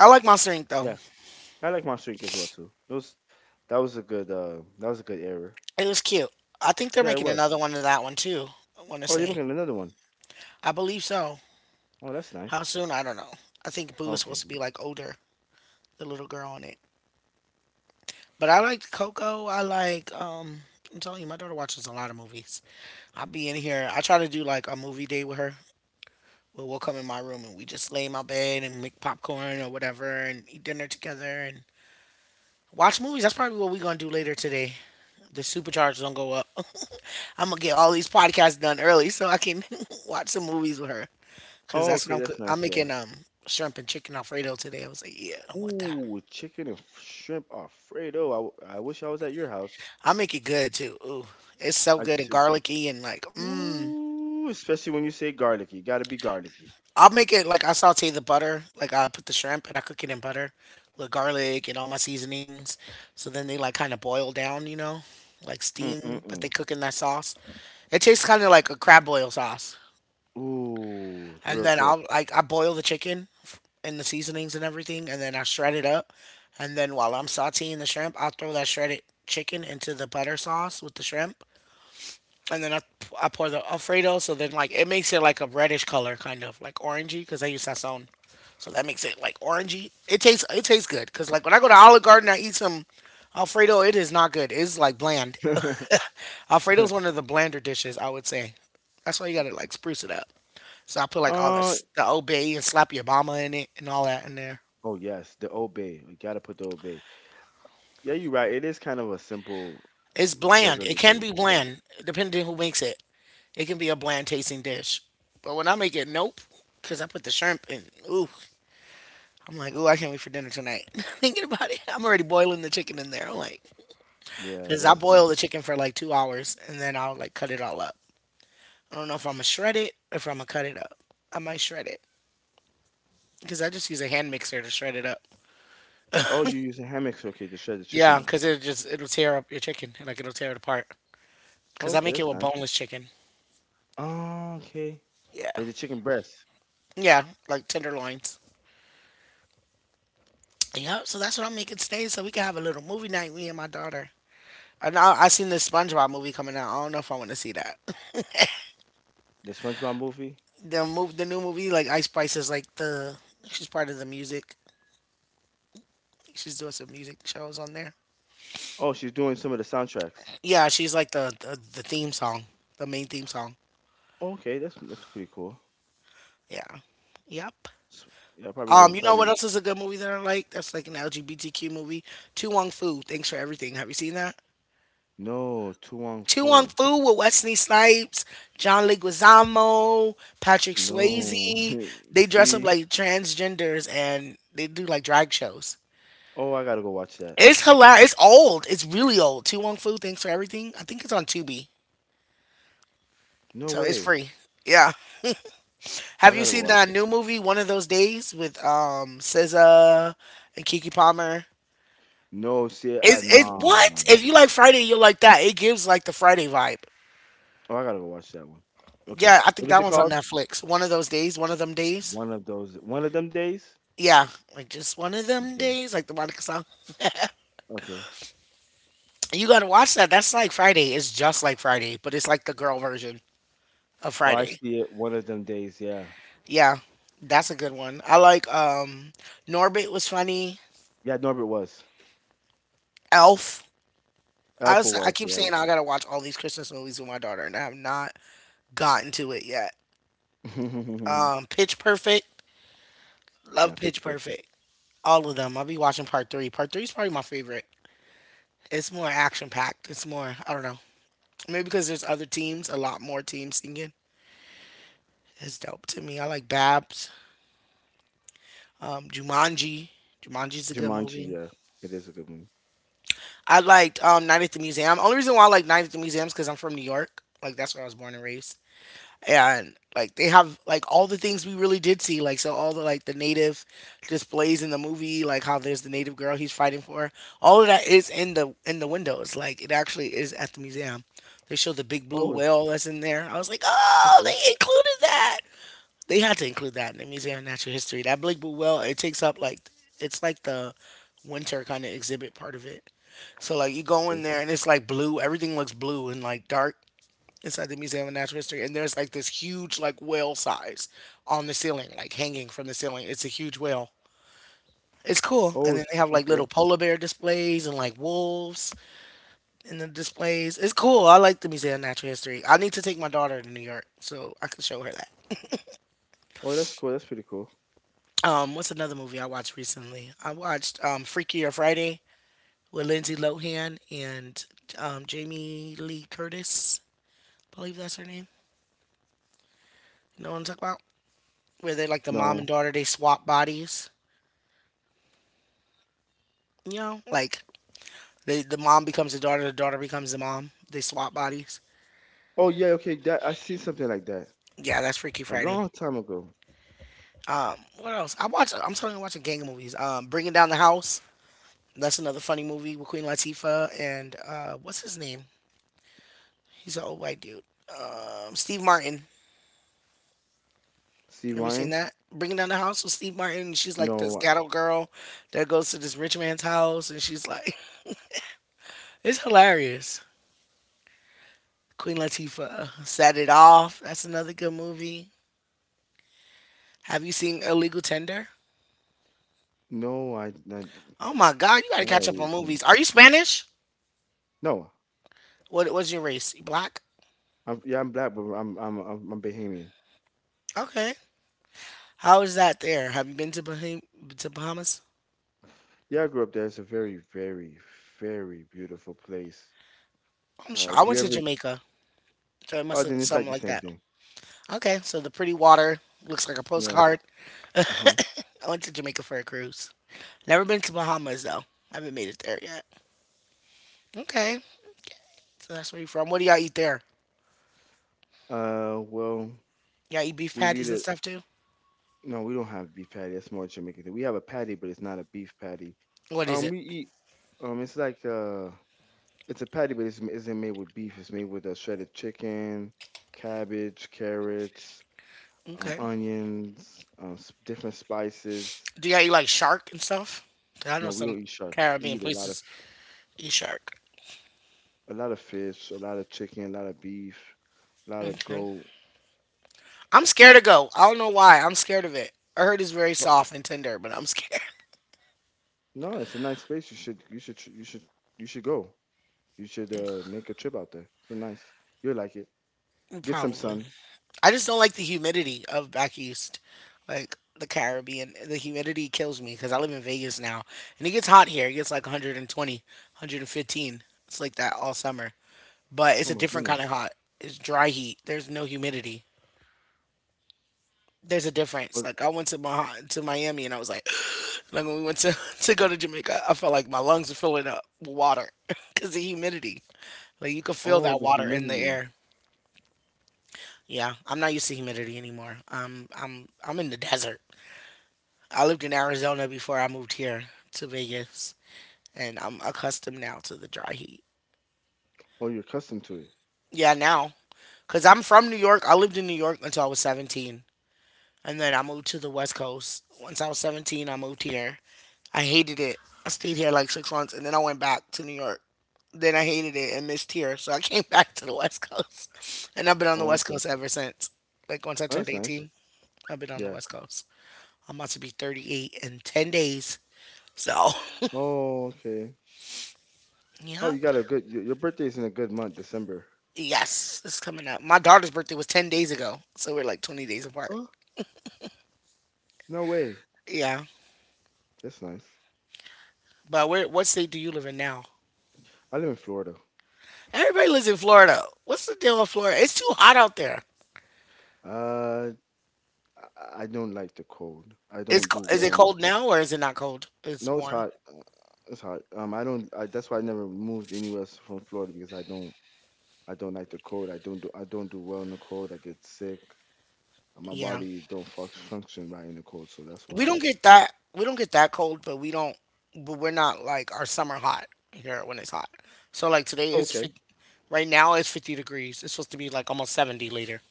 Speaker 1: I like Monster Inc. though.
Speaker 2: Yeah, I like Monster Inc. as well too. It was that was a good that was a good era.
Speaker 1: It was cute. I think they're
Speaker 2: Yeah, it
Speaker 1: making
Speaker 2: was.
Speaker 1: another one of that one too. I want to
Speaker 2: Oh, they're
Speaker 1: say.
Speaker 2: making another one.
Speaker 1: I believe so.
Speaker 2: Oh, that's
Speaker 1: How
Speaker 2: nice.
Speaker 1: soon? I don't know. I think Boo is supposed
Speaker 2: Okay.
Speaker 1: to be like older, the little girl in it. But I liked Coco. I like. I'm telling you, my daughter watches a lot of movies. I'll be in here. I try to do like a movie day with her. We'll come in my room and we just lay in my bed and make popcorn or whatever and eat dinner together and watch movies. That's probably what we're gonna do later today. The supercharge don't go up. I'm gonna get all these podcasts done early so I can watch some movies with her. Cause
Speaker 2: Oh,
Speaker 1: that's what
Speaker 2: okay, that's nice
Speaker 1: I'm
Speaker 2: there.
Speaker 1: making shrimp and chicken alfredo today. I was like, yeah, I want that.
Speaker 2: Ooh, chicken and shrimp Alfredo. I, I wish I was at your house.
Speaker 1: I make it good too. Ooh, it's so
Speaker 2: I
Speaker 1: good
Speaker 2: could
Speaker 1: and
Speaker 2: see.
Speaker 1: garlicky and like, mmm.
Speaker 2: Ooh, especially when you say garlicky. Gotta be garlicky.
Speaker 1: I'll make it like I saute the butter. Like I put the shrimp and I cook it in butter with garlic and all my seasonings. So then they like kind of boil down, you know, like steam, but they
Speaker 2: Mm-mm-mm.
Speaker 1: cook in that sauce. It tastes kind of like a crab boil sauce.
Speaker 2: Ooh, it's
Speaker 1: And
Speaker 2: real
Speaker 1: then
Speaker 2: thick.
Speaker 1: I'll like I boil the and the seasonings and everything, and then I shred it up, and then while I'm sautéing the shrimp, I'll throw that shredded chicken into the butter sauce with the shrimp, and then I pour the Alfredo. So then like it makes it like a reddish color, kind of like orangey, because I use sazon. So that makes it like orangey. It tastes good because like when I go to Olive Garden, I eat some Alfredo. It is not good. It's like bland. Alfredo is one of the blander dishes, I would say. That's why you gotta like spruce it up. So I put like all the
Speaker 2: uh,
Speaker 1: the obey and slappy Obama in it and all that in there.
Speaker 2: oh, yes, the obey. We gotta put the obey. Yeah, you're right. It is kind of a simple,
Speaker 1: It's bland. It
Speaker 2: regular
Speaker 1: can
Speaker 2: dish.
Speaker 1: be
Speaker 2: Yeah,
Speaker 1: bland depending on who makes it. It can be a bland tasting dish. But when I make it, nope, because I put the shrimp in. Ooh, I'm like, ooh, I can't wait for dinner tonight. Thinking about it, I'm already boiling the chicken in there. I'm like,
Speaker 2: yeah,
Speaker 1: because I
Speaker 2: that's
Speaker 1: boil the
Speaker 2: nice.
Speaker 1: chicken for like 2 hours and then I'll like cut it all up. I don't know if I'm gonna shred it or if I'm gonna cut it up. I might shred it because I just use a hand mixer to shred it up.
Speaker 2: Oh, you use a hammock okay to shred the chicken
Speaker 1: Yeah,
Speaker 2: up.
Speaker 1: because it just it'll tear up your chicken like it'll tear it apart.
Speaker 2: Oh,
Speaker 1: Cause I
Speaker 2: okay,
Speaker 1: make it
Speaker 2: that's
Speaker 1: with
Speaker 2: nice.
Speaker 1: boneless chicken.
Speaker 2: Oh, okay.
Speaker 1: Yeah.
Speaker 2: There's the chicken breast.
Speaker 1: Yeah. Like tenderloins. Yep. So that's what I'm making today. So we can have a little movie night, me and my daughter. And I know I seen this SpongeBob movie coming out. I don't know if I want to see that.
Speaker 2: The SpongeBob movie.
Speaker 1: The new movie, like Ice Spice is like the she's part of the music. She's doing some music shows on there.
Speaker 2: Oh, she's doing some of the soundtracks.
Speaker 1: Yeah, she's like the theme song, the main theme song.
Speaker 2: Oh, okay, that's pretty cool.
Speaker 1: Yeah. Yep.
Speaker 2: S yeah, probably gonna
Speaker 1: You know what
Speaker 2: probably
Speaker 1: else is a good movie that I like? That's like an LGBTQ movie. Tu Wong Fu. Thanks for everything. Have you seen that?
Speaker 2: no, Tu
Speaker 1: Two on
Speaker 2: Fu.
Speaker 1: Fu with Wesley Snipes, John Leguizamo, Patrick
Speaker 2: No.
Speaker 1: Swayze. They dress up
Speaker 2: See?
Speaker 1: like transgenders and they do like drag shows.
Speaker 2: Oh, I gotta go watch that.
Speaker 1: It's hilarious. It's old. It's really old. Tu Wong Fu, Thanks for Everything. I think it's on Tubi,
Speaker 2: No
Speaker 1: so it's
Speaker 2: way.
Speaker 1: free. Yeah.
Speaker 2: Oh,
Speaker 1: Have
Speaker 2: I
Speaker 1: you
Speaker 2: gotta go
Speaker 1: seen
Speaker 2: watch
Speaker 1: that
Speaker 2: that.
Speaker 1: new movie, One of Those Days, with SZA and Kiki Palmer?
Speaker 2: No, see, I
Speaker 1: Is it
Speaker 2: nah.
Speaker 1: what? If you like Friday, you'll like that. It gives like the Friday vibe.
Speaker 2: Oh, I gotta go watch that one. Okay.
Speaker 1: Yeah, I think
Speaker 2: What is
Speaker 1: that
Speaker 2: it
Speaker 1: one's on
Speaker 2: called?
Speaker 1: Netflix. One of those days. One of them days.
Speaker 2: One of them days?
Speaker 1: Yeah, like just one of them
Speaker 2: Okay.
Speaker 1: days, like the Monica song.
Speaker 2: Okay.
Speaker 1: You gotta watch that. That's like Friday. It's just like Friday, but it's like the girl version of
Speaker 2: Oh, I
Speaker 1: Friday.
Speaker 2: see it. One of them days, yeah.
Speaker 1: Yeah, that's a good one. I like Norbit was funny.
Speaker 2: Yeah, Norbert was.
Speaker 1: Elf. I
Speaker 2: Alpha
Speaker 1: was, I
Speaker 2: was,
Speaker 1: keep
Speaker 2: yeah.
Speaker 1: saying I gotta watch all these Christmas movies with my daughter, and I have not gotten to it yet. Pitch Perfect. Love
Speaker 2: Yeah,
Speaker 1: Pitch
Speaker 2: Pitch Perfect.
Speaker 1: Perfect. All of them. I'll be watching part three. Part three is probably my favorite. It's more action packed. It's more I don't know. Maybe because there's other teams, a lot more teams singing. Is dope to me. I like Babs, Jumanji. Jumanji's a good
Speaker 2: Jumanji,
Speaker 1: movie.
Speaker 2: yeah. It is a good one.
Speaker 1: I liked Night at the Museum. Only reason why I like Night at the Museum is because I'm from New York. Like that's where I was born and raised. And like they have like all the things we really did see. Like so all the like the native displays in the movie, like how there's the native girl he's fighting for. All of that is in the windows. Like it actually is at the museum. They show the big blue
Speaker 2: Oh,
Speaker 1: whale that's in there. I was like, oh,
Speaker 2: Okay,
Speaker 1: they included that. They had to include that in the Museum of Natural History. That Blake Well, it takes up like it's like the winter kind of exhibit part of it. So like you go
Speaker 2: okay.
Speaker 1: in there and it's like blue. Everything looks blue and like dark inside the Museum of Natural History. And there's like this huge like whale size on the ceiling, like hanging from the ceiling. It's a huge whale. It's cool.
Speaker 2: Oh,
Speaker 1: And then
Speaker 2: s
Speaker 1: they have like
Speaker 2: okay.
Speaker 1: little polar bear displays and like wolves in the displays. It's cool. I like the Museum of Natural History. I need to take my daughter to New York so I can show her that.
Speaker 2: Oh, that's cool, that's pretty cool.
Speaker 1: What's another movie I watched recently? I watched Freakier Friday with Lindsay Lohan and Jamie Lee Curtis. I believe that's her name. You know what I'm talking about? Where they like the mom and
Speaker 2: No.
Speaker 1: daughter, they swap bodies. You know, like they, the mom becomes the daughter becomes the mom. They swap bodies.
Speaker 2: Oh, yeah, okay, that I seen something like that
Speaker 1: Yeah, that's Freaky
Speaker 2: a
Speaker 1: Friday.
Speaker 2: long time ago.
Speaker 1: What else? I watch. I'm telling you, I watch a gang of movies. Bringing Down the House. That's another funny movie with Queen Latifah and what's his name? He's an old white dude. Steve Martin.
Speaker 2: Steve
Speaker 1: Have you seen
Speaker 2: Martin?
Speaker 1: that? Bringing Down the House with Steve Martin. And she's like this
Speaker 2: No,
Speaker 1: ghetto girl that goes to this rich man's house, and she's like, it's hilarious. Queen Latifah set it off. That's another good movie. Have you seen Illegal Tender?
Speaker 2: no, I not
Speaker 1: Oh my God, you gotta
Speaker 2: not
Speaker 1: catch up on
Speaker 2: related to me.
Speaker 1: movies. Are you Spanish?
Speaker 2: No,
Speaker 1: What's your race? You black?
Speaker 2: I'm yeah, I'm black, but I'm Bahamian.
Speaker 1: Okay. How is that there? Have you been to to Bahamas?
Speaker 2: Yeah, I grew up there. It's a very, very, very beautiful place.
Speaker 1: I'm sure. I
Speaker 2: If
Speaker 1: went
Speaker 2: you
Speaker 1: to
Speaker 2: ever,
Speaker 1: Jamaica, so it
Speaker 2: oh,
Speaker 1: must look
Speaker 2: then it's like
Speaker 1: something
Speaker 2: the
Speaker 1: like
Speaker 2: same
Speaker 1: that.
Speaker 2: thing.
Speaker 1: Okay, so the pretty water looks like a
Speaker 2: Yeah.
Speaker 1: postcard.
Speaker 2: Uh-huh.
Speaker 1: I went to Jamaica for a cruise. Never been to Bahamas though. I haven't made it there yet. Okay, so that's where you're from. What do y'all eat there?
Speaker 2: Well,
Speaker 1: Y'all eat beef
Speaker 2: we lead
Speaker 1: patties and
Speaker 2: a
Speaker 1: stuff too.
Speaker 2: No, we don't have beef patty. That's more Jamaican thing. We have a patty, but it's not a beef patty.
Speaker 1: What is it?
Speaker 2: We eat. It's like it's a patty, but it's isn't made with beef. It's made with shredded chicken, cabbage, carrots,
Speaker 1: Okay.
Speaker 2: onions, different spices.
Speaker 1: Do y'all eat like shark and stuff? 'Cause I know
Speaker 2: No, we
Speaker 1: some
Speaker 2: don't eat shark. We
Speaker 1: Caribbean
Speaker 2: eat
Speaker 1: places eat shark.
Speaker 2: a lot of fish, a lot of chicken, a lot of beef, a lot of
Speaker 1: Okay.
Speaker 2: goat.
Speaker 1: I'm scared to go. I don't know why. I'm scared of it. I heard it's very
Speaker 2: But
Speaker 1: soft and tender, but I'm scared.
Speaker 2: no, it's a nice place. You should tr- you should go. You should make a trip out there. It's so nice. You'll like it. Get some
Speaker 1: Probably.
Speaker 2: sun.
Speaker 1: I just don't like the humidity of back east, like the Caribbean. The humidity kills me because I live in Vegas now, and it gets hot here. It gets like 120, 115. It's like that all summer, but
Speaker 2: Oh
Speaker 1: it's a
Speaker 2: my
Speaker 1: different
Speaker 2: goodness.
Speaker 1: kind of hot. It's dry heat. There's no humidity. There's a difference.
Speaker 2: But
Speaker 1: Like I went to my to Miami and I was like, like when we went to to go to Jamaica, I felt like my lungs were filling up with water because the humidity. Like you could feel
Speaker 2: oh,
Speaker 1: that
Speaker 2: the
Speaker 1: water in the
Speaker 2: humidity.
Speaker 1: air. Yeah, I'm not used to humidity anymore. I'm in the desert. I lived in Arizona before I moved here to Vegas, and I'm accustomed now to the dry heat.
Speaker 2: Oh, you're accustomed to it.
Speaker 1: Yeah, now. Because I'm from New York. I lived in New York until I was 17. And then I moved to the West Coast. Once I was 17, I moved here. I hated it. I stayed here like 6 months, and then I went back to New York. Then I hated it and missed here. So I came back to the West Coast. And I've been on the
Speaker 2: Oh,
Speaker 1: West
Speaker 2: okay.
Speaker 1: Coast ever since. Like, once I
Speaker 2: Oh,
Speaker 1: turned
Speaker 2: that's nice.
Speaker 1: 18, I've been on the
Speaker 2: Yeah.
Speaker 1: West Coast. I'm about to be 38 in 10 days. So,
Speaker 2: Oh, okay. Oh,
Speaker 1: yep.
Speaker 2: you got a good. Your birthday's in a good month, December.
Speaker 1: Yes, it's coming up. My daughter's birthday was 10 days ago, so we're like 20 days apart.
Speaker 2: Huh? No way.
Speaker 1: Yeah.
Speaker 2: That's nice.
Speaker 1: But where what state do you live in now?
Speaker 2: I live in Florida.
Speaker 1: Everybody lives in Florida. What's the deal with Florida? It's too hot out there.
Speaker 2: Uh, I don't like the cold. I
Speaker 1: It's
Speaker 2: don't do
Speaker 1: is it
Speaker 2: well in it.
Speaker 1: cold now or is it not cold? It's
Speaker 2: No, it's
Speaker 1: warm.
Speaker 2: hot. It's hot. I don't. I, that's why I never moved anywhere else from Florida because I don't. I don't like the cold. I don't do well in the cold. I get sick. My
Speaker 1: Yeah.
Speaker 2: body don't fuck, function right in the cold, so that's
Speaker 1: We don't
Speaker 2: why.
Speaker 1: get that we don't get that cold, but we don't but we're not like our summer hot here when it's hot. So like today
Speaker 2: Okay.
Speaker 1: right now it's 50 degrees. It's supposed to be like almost 70 later.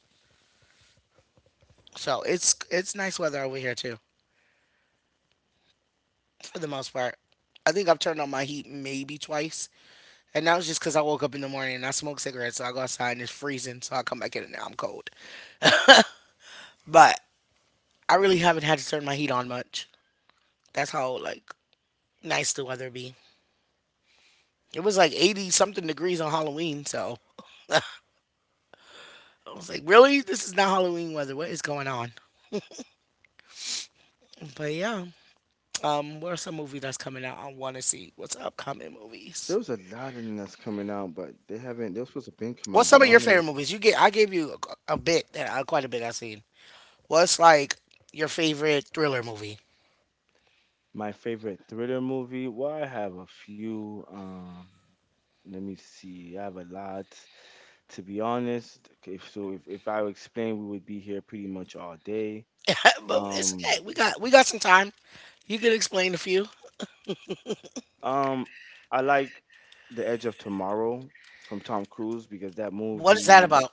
Speaker 1: So it's nice weather over here too, for the most part. I think I've turned on my heat maybe twice. And that was just because I woke up in the morning and I smoked cigarettes. So I go outside and it's freezing. So I come back in and now I'm cold. But I really haven't had to turn my heat on much. That's how, like, nice the weather be. It was like 80 something degrees on Halloween. So I was like, really? This is not Halloween weather. What is going on? But yeah. What are some movies that's coming out I want to see? What's upcoming
Speaker 2: There
Speaker 1: movies?
Speaker 2: was a lot in that's coming out, but they haven't. They're supposed to been come
Speaker 1: What's
Speaker 2: out, but
Speaker 1: some
Speaker 2: I
Speaker 1: of your
Speaker 2: don't know.
Speaker 1: favorite movies? You get I gave you a bit that quite a bit I've seen. What's like your favorite thriller movie?
Speaker 2: My favorite thriller movie. Well, I have a few. Let me see. I have a lot. To be honest, if so, if I explain, we would be here pretty much all day.
Speaker 1: But it's
Speaker 2: Um,
Speaker 1: okay. We got some time. You can explain a few.
Speaker 2: um, I like The Edge of Tomorrow from Tom Cruise because that
Speaker 1: What is that
Speaker 2: movie.
Speaker 1: about?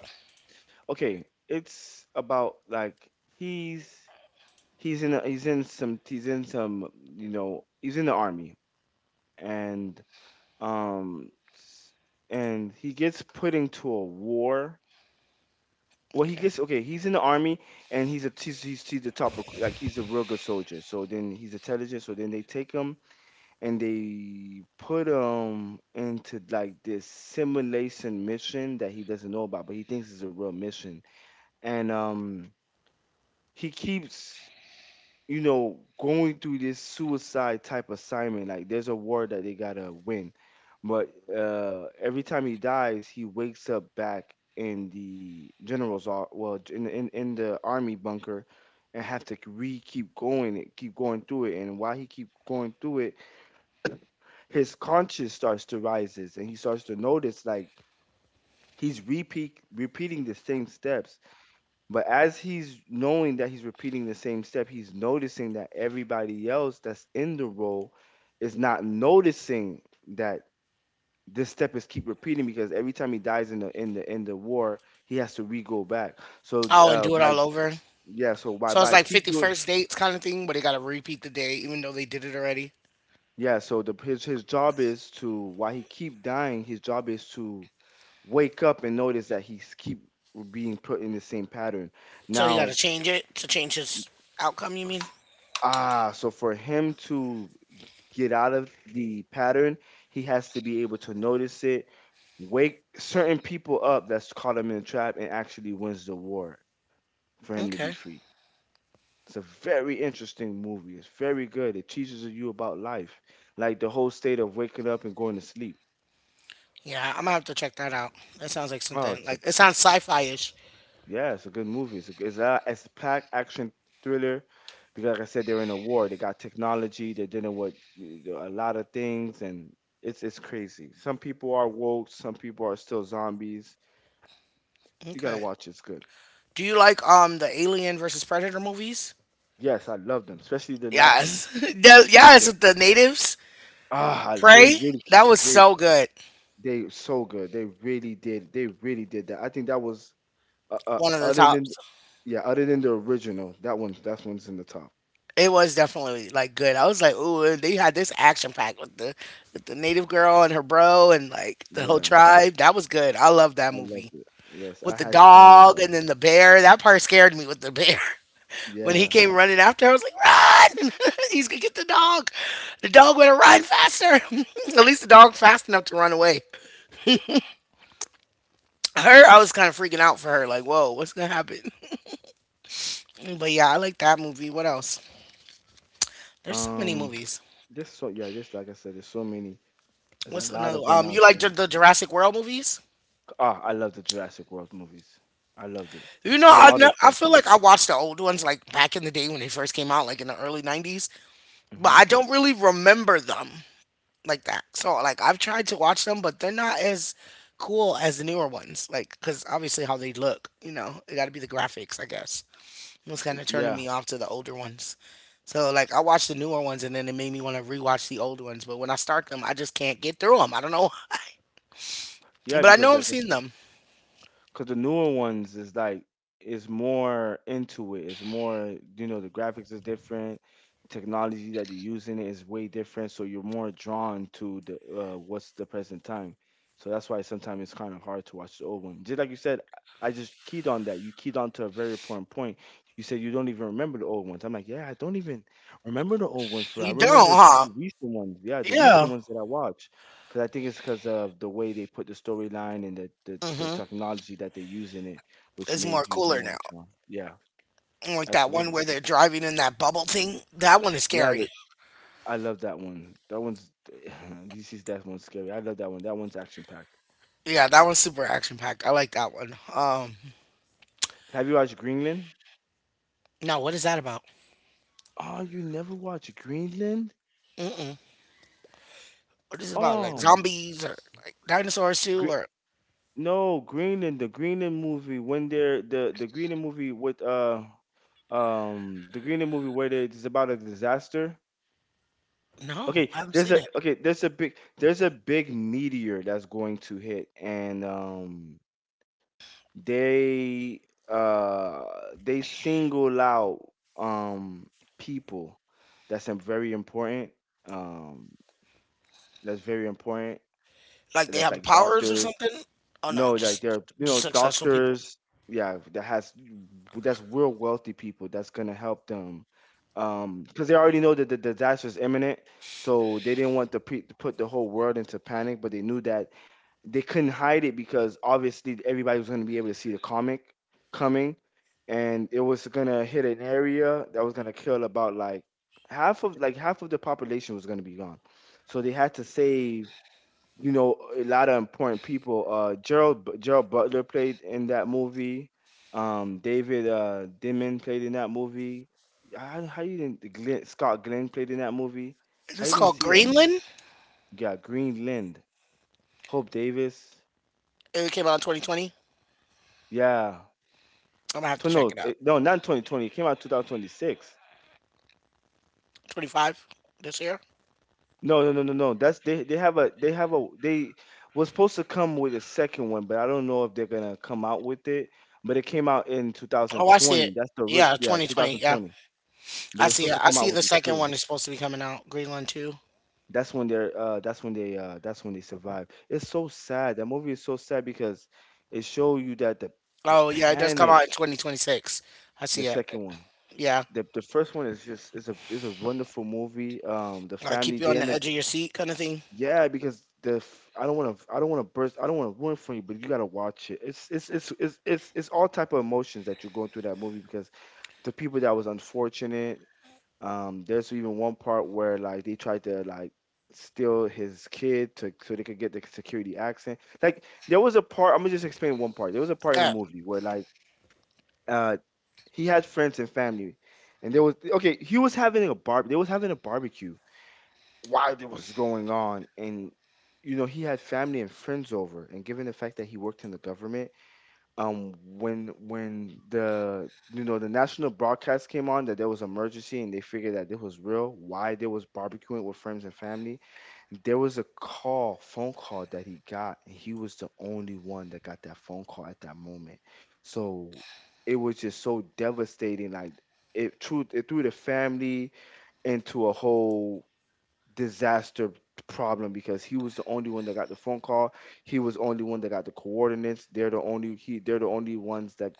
Speaker 2: Okay, it's about like he's he's in a, he's in some you know he's in the army and um s- and he gets put into a war well he
Speaker 1: Okay.
Speaker 2: gets okay he's in the army and he's a top recruit like he's a real good soldier so then he's intelligent so then they take him and they put him into like this simulation mission that he doesn't know about but he thinks is a real mission and he keeps you know, going through this suicide type assignment. Like there's a war that they gotta win, but every time he dies, he wakes up back in the well in the- in the army bunker, and have to re keep going it, keep going through it. And while he keep going through it, his conscience starts to rises, and he starts to notice like he's repeat repeating the same steps, but as he's knowing that he's repeating the same step, he's noticing that everybody else that's in the role is not noticing that this step is keep repeating because every time he dies in the in the in the war, he has to re go back. So
Speaker 1: Oh, and do it
Speaker 2: by
Speaker 1: all over.
Speaker 2: yeah, so
Speaker 1: So it's
Speaker 2: by
Speaker 1: like
Speaker 2: keep
Speaker 1: fifty
Speaker 2: doing
Speaker 1: first dates kind of thing, but they gotta repeat the day even though they did it already.
Speaker 2: yeah. So the his job is to while he keep dying, his job is to wake up and notice that he's keep being put in the same pattern.
Speaker 1: So he gotta
Speaker 2: Now,
Speaker 1: change it to change his outcome, you mean?
Speaker 2: f- ah, so for him to get out of the pattern, he has to be able to notice it, wake certain people up that's caught him in a trap, and actually wins the war for him to be
Speaker 1: Okay.
Speaker 2: free. It's a very interesting movie. It's very good. It teaches you about life, like the whole state of waking up and going to sleep.
Speaker 1: Yeah, I'm gonna have to check that out. That sounds like
Speaker 2: Oh,
Speaker 1: something
Speaker 2: it's
Speaker 1: like it sounds sci fi ish.
Speaker 2: yeah, it's a good movie. It's a packed action thriller because, like I said, they're in a war. They got technology. They're dealing with you a lot of things, and it's crazy. Some people are woke. Some people are still zombies. You gotta
Speaker 1: Okay.
Speaker 2: watch. It, it's good.
Speaker 1: Do you like the Alien versus Predator movies?
Speaker 2: Yes, I love them, especially the last one.
Speaker 1: Yes. Yes,
Speaker 2: Yeah.
Speaker 1: with the natives.
Speaker 2: Ah, they
Speaker 1: Prey.
Speaker 2: really
Speaker 1: That was so good.
Speaker 2: they so good. They really did. They really did that. I think that was
Speaker 1: One of the
Speaker 2: other than
Speaker 1: tops.
Speaker 2: yeah, other than the original, that one that one's in the top.
Speaker 1: It was definitely like good. I was like, ooh, they had this action pack with the native girl and her bro and like the whole
Speaker 2: Yeah.
Speaker 1: tribe. That was good. I love that
Speaker 2: I
Speaker 1: movie.
Speaker 2: loved it. Yes, I
Speaker 1: With the
Speaker 2: had to download
Speaker 1: dog
Speaker 2: that.
Speaker 1: and then the bear. That part scared me with the bear. When he
Speaker 2: Yeah.
Speaker 1: came running after, I was like, run! He's gonna get the dog. The dog would have run faster. At least the dog fast enough to run away. Her, I was kind of freaking out for her. Like, whoa, what's gonna happen? But yeah, I like that movie. What else? There's so many
Speaker 2: Um,
Speaker 1: movies.
Speaker 2: there's so yeah, just like I said, there's so many. There's a
Speaker 1: What's
Speaker 2: lot
Speaker 1: another?
Speaker 2: of them out
Speaker 1: You like
Speaker 2: there.
Speaker 1: the Jurassic World movies?
Speaker 2: Ah, I love the Jurassic World movies. I loved it.
Speaker 1: You know,
Speaker 2: I love all the
Speaker 1: I feel
Speaker 2: Jurassic.
Speaker 1: like I watched the old ones like back in the day when they first came out, like in the early '90s, but
Speaker 2: Mm-hmm.
Speaker 1: I don't really remember them like that. So like I've tried to watch them, but they're not as cool as the newer ones. Like, cause obviously how they look, you know, it got to be the graphics, I guess. It's kind of turning
Speaker 2: Yeah,
Speaker 1: me off to the older ones. So like I watched the newer ones, and then it made me want to rewatch the old ones. But when I start them, I just can't get through them. I don't know why,
Speaker 2: yeah,
Speaker 1: but I
Speaker 2: because
Speaker 1: know
Speaker 2: like
Speaker 1: I've seen
Speaker 2: I
Speaker 1: them.
Speaker 2: because the newer ones is like is more into it. It's more you know the graphics is different, technology that they use in it is way different. So you're more drawn to the what's the present time. So that's why sometimes it's kind of hard to watch the old one. Just like you said, I just keyed on that. You keyed on to a very important point. You said you don't even remember the old ones. I'm like, yeah, I don't even remember the old ones. For I
Speaker 1: You don't,
Speaker 2: remember just
Speaker 1: huh?
Speaker 2: the recent ones. Yeah, the recent
Speaker 1: Yeah.
Speaker 2: ones that I watch. Because I think it's because of the way they put the storyline and the
Speaker 1: Hmm.
Speaker 2: technology that they use in it, which
Speaker 1: It's more
Speaker 2: made you
Speaker 1: cooler
Speaker 2: more
Speaker 1: now.
Speaker 2: drawn. Yeah,
Speaker 1: Like that one
Speaker 2: absolutely.
Speaker 1: where they're driving in that bubble thing. That one is
Speaker 2: Yeah, the,
Speaker 1: scary.
Speaker 2: I love that one. That one's DC's that one's scary. I love that one. That one's action packed.
Speaker 1: Yeah, that one's super action packed. I like that one.
Speaker 2: Have you watched Greenland?
Speaker 1: No, what is that about?
Speaker 2: Oh, you never watched Greenland?
Speaker 1: Mm-mm. What is it about? Like
Speaker 2: Um,
Speaker 1: zombies or like dinosaurs too?
Speaker 2: Gre-
Speaker 1: Or
Speaker 2: no, Greenland. The Greenland movie with the Greenland movie. It's about a disaster.
Speaker 1: no,
Speaker 2: Okay,
Speaker 1: I haven't seen it.
Speaker 2: there's a big meteor that's going to hit, and they uh they single out um people very important, um that's very important.
Speaker 1: Like they
Speaker 2: That's
Speaker 1: have
Speaker 2: like
Speaker 1: powers or
Speaker 2: doctors.
Speaker 1: something? Oh no,
Speaker 2: No, like there are, you know,
Speaker 1: just successful people.
Speaker 2: doctors, yeah, that's real wealthy people that's gonna help them. Because they already know that the disaster is imminent, so they didn't want to, to put the whole world into panic, but they knew that they couldn't hide it, because obviously everybody was gonna be able to see the comic coming, and it was gonna hit an area that was gonna kill about like half of the population was gonna be gone, so they had to save, you know, a lot of important people. Gerald Butler played in that movie. David, Dimon played in that movie. How you didn't Glenn, Scott Glenn played in that movie? How
Speaker 1: It's
Speaker 2: you didn't
Speaker 1: called
Speaker 2: see that movie?
Speaker 1: Greenland.
Speaker 2: Yeah, Greenland, Hope Davis.
Speaker 1: It came out in 2020.
Speaker 2: Yeah,
Speaker 1: I'm gonna have to check it out.
Speaker 2: No, not 2020. It came out 2026.
Speaker 1: 25 this year.
Speaker 2: No, no, no, no, no. That's they have a they have a they was supposed to come with a second one, but I don't know if they're gonna come out with it. But it came out in
Speaker 1: Oh, I see it.
Speaker 2: 2020.
Speaker 1: Yeah,
Speaker 2: Yeah,
Speaker 1: 2020. Yeah,
Speaker 2: 2020. But
Speaker 1: I
Speaker 2: they're
Speaker 1: see
Speaker 2: supposed
Speaker 1: it.
Speaker 2: to
Speaker 1: I
Speaker 2: come
Speaker 1: see
Speaker 2: out
Speaker 1: the
Speaker 2: with it
Speaker 1: second
Speaker 2: too.
Speaker 1: one is supposed to be coming out. Greenland 2.
Speaker 2: That's when they survive. It's so sad. That movie is so sad because it show you that the
Speaker 1: Oh yeah, it does come
Speaker 2: panic,
Speaker 1: out in 2026. I
Speaker 2: the
Speaker 1: see it.
Speaker 2: second one.
Speaker 1: Yeah,
Speaker 2: The first one is just is a wonderful movie. Um, the
Speaker 1: like keep
Speaker 2: family,
Speaker 1: you
Speaker 2: they
Speaker 1: on
Speaker 2: end
Speaker 1: the
Speaker 2: up...
Speaker 1: edge of your seat kind of thing.
Speaker 2: Yeah, because the f I don't wanna burst I don't wanna ruin for you, but you gotta watch it. It's all type of emotions that you're going through that movie because the people that was unfortunate, there's even one part where like they tried to like steal his kid to so they could get the security accent. Like there was a part, I'm gonna just explain one part. There was a part in the
Speaker 1: Okay,
Speaker 2: movie where uh he had friends and family and there was okay, he was having a bar they was having a barbecue while it was going on, and you know he had family and friends over, and given the fact that he worked in the government, when the, you know, the national broadcast came on that there was emergency, and they figured that this was real why there was barbecuing with friends and family, there was a call phone call that he got, and he was the only one that got that phone call at that moment. So it was just so devastating, like, it threw the family into a whole disaster problem, because he was the only one that got the phone call. He was the only one that got the coordinates. They're the only ones that,